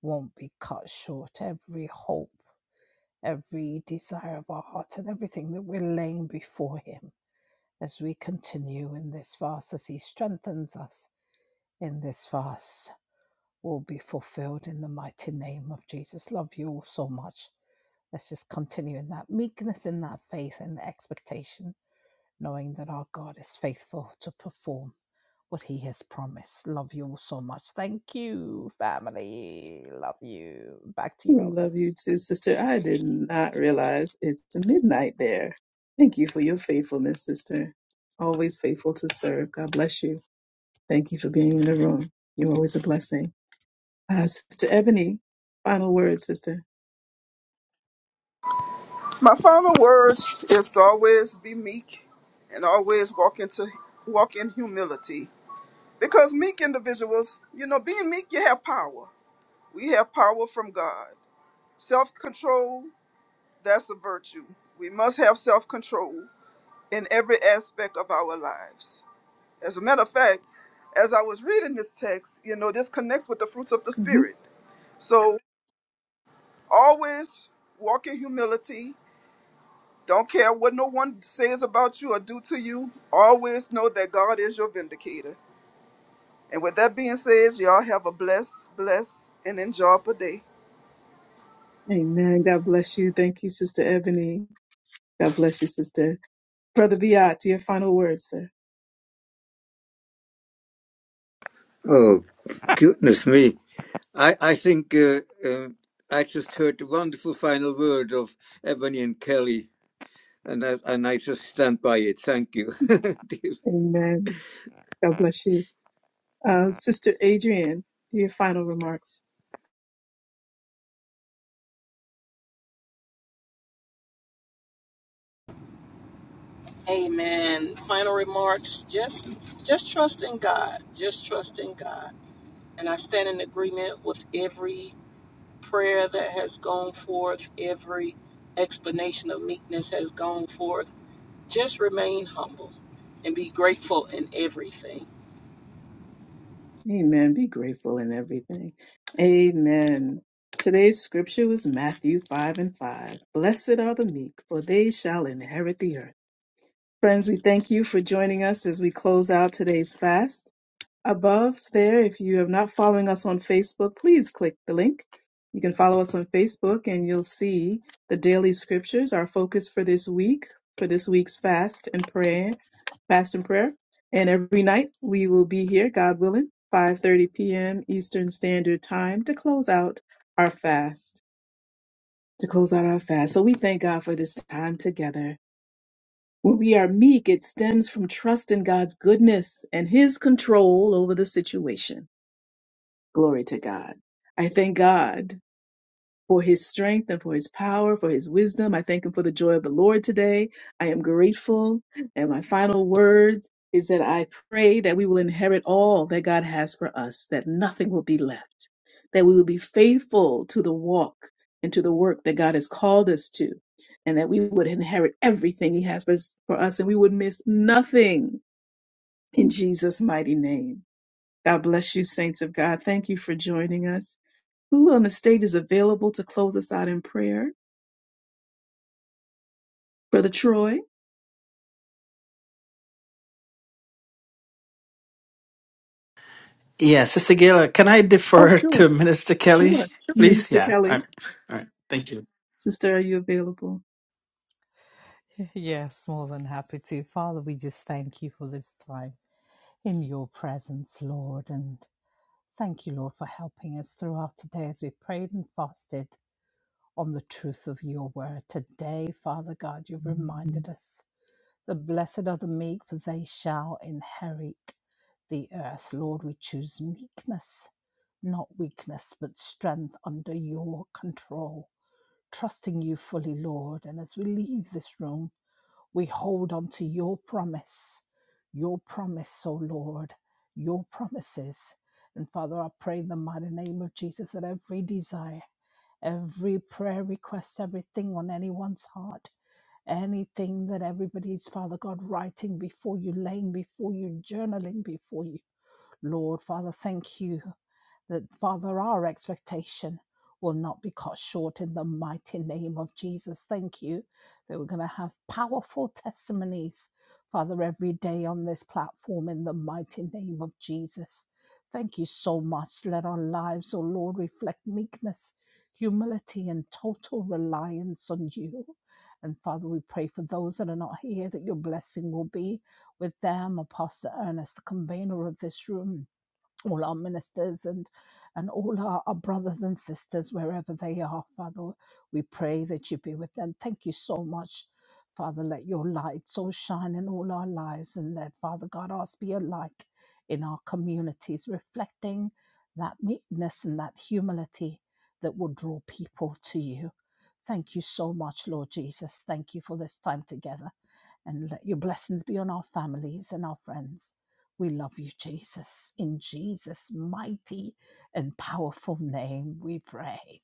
won't be cut short every hope every desire of our hearts and everything that we're laying before Him as we continue in this fast, as He strengthens us in this fast, will be fulfilled in the mighty name of Jesus. Love you all so much. Let's just continue in that meekness, in that faith, and the expectation, knowing that our God is faithful to perform what He has promised. Love you all so much. Thank you, family. Love you. Back to you, Elder. Love you too, sister. I did not realize it's midnight there. Thank you for your faithfulness, sister. Always faithful to serve. God bless you. Thank you for being in the room. You're always a blessing. Uh, sister Ebony, final word, sister. My final words is to always be meek and always walk into walk in humility Because meek individuals, you know, being meek, you have power. We have power from God. Self control, that's a virtue. We must have self control in every aspect of our lives. As a matter of fact, as I was reading this text, you know, this connects with the fruits of the hmm Spirit. So always walk in humility. Don't care what no one says about you or do to you. Always know that God is your vindicator. And with that being said, y'all have a blessed, blessed, and enjoyable day. Amen. God bless you. Thank you, sister Ebony. God bless you, Sister. Brother Biat, your final words, sir. Oh, goodness me. I, I think uh, uh, I just heard the wonderful final word of Ebony and Kelly and I, and I just stand by it. Thank you. Amen. God bless you. Uh, Sister Adrian, your final remarks. Amen. Final remarks. Just just trust in God. Just trust in God. And I stand in agreement with every prayer that has gone forth, every explanation of meekness has gone forth. Just remain humble and be grateful in everything. Amen. Be grateful in everything. Amen. Today's scripture was Matthew 5 and 5. Blessed are the meek, for they shall inherit the earth. Friends, we thank you for joining us as we close out today's fast. above there. If you are not following us on Facebook, please click the link. You can follow us on Facebook and you'll see the daily scriptures, our focus for this week, for this week's fast and prayer, fast and prayer. And every night we will be here, God willing, 5:30 p.m. Eastern Standard Time to close out our fast, to close out our fast. So we thank God for this time together. When we are meek, it stems from trust in God's goodness and his control over the situation. Glory to God. I thank God for his strength and for his power, for his wisdom. I thank him for the joy of the Lord today. I am grateful. And my final words is that I pray that we will inherit all that God has for us, that nothing will be left, that we will be faithful to the walk and to the work that God has called us to, and that we would inherit everything he has for us, for us and we would miss nothing in Jesus' mighty name. God bless you, saints of God. Thank you for joining us. Who on the stage is available to close us out in prayer? Brother Troy? yeah sister gayla can i Oh, defer sure, to minister kelly sure. please Minister yeah all Kelly? right all right thank you Sister, are you available? Yes, more than happy to. Father, we just thank you for this time in your presence, Lord. And thank you, Lord, for helping us throughout today as we prayed and fasted on the truth of your word. Today, Father God, you've reminded us the blessed are the meek, for they shall inherit the earth. Lord, we choose meekness, not weakness, but strength under your control. Trusting you fully, Lord. And as we leave this room, we hold on to your promise, your promise, O Lord, your promises. And Father, I pray in the mighty name of Jesus that every desire, every prayer request, everything on anyone's heart, anything that everybody's, Father God, writing before you, laying before you, journaling before you. Lord, Father, thank you that, Father, our expectation will not be cut short in the mighty name of Jesus. Thank you that we're going to have powerful testimonies, Father, every day on this platform in the mighty name of Jesus. Thank you so much. Let our lives, O Lord, reflect meekness, humility, and total reliance on you. And Father, we pray for those that are not here that your blessing will be with them, Apostle Ernest, the convener of this room all our ministers and and all our, our brothers and sisters wherever they are father we pray that you be with them thank you so much father let your light so shine in all our lives and let father god us be a light in our communities reflecting that meekness and that humility that will draw people to you Thank you so much, Lord Jesus. Thank you for this time together. And let your blessings be on our families and our friends. We love you, Jesus. In Jesus' mighty and powerful name, we pray.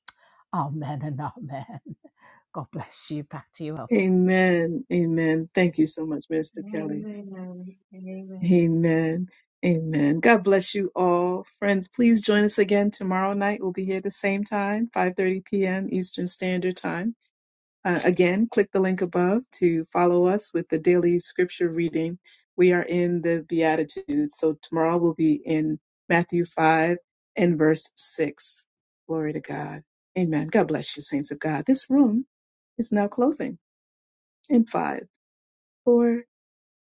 Amen and amen. God bless you. Back to you, Elder. Amen. Amen. Thank you so much, Minister Kelly. Amen. Amen. Amen. Amen. God bless you all. Friends, please join us again tomorrow night. We'll be here the same time, 5.30 p.m. Eastern Standard Time. Uh, again, click the link above to follow us with the daily scripture reading. We are in the Beatitudes, so tomorrow we'll be in Matthew 5 and verse 6. Glory to God. Amen. God bless you, saints of God. This room is now closing in five, four,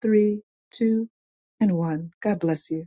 three, two, and 1. God bless you.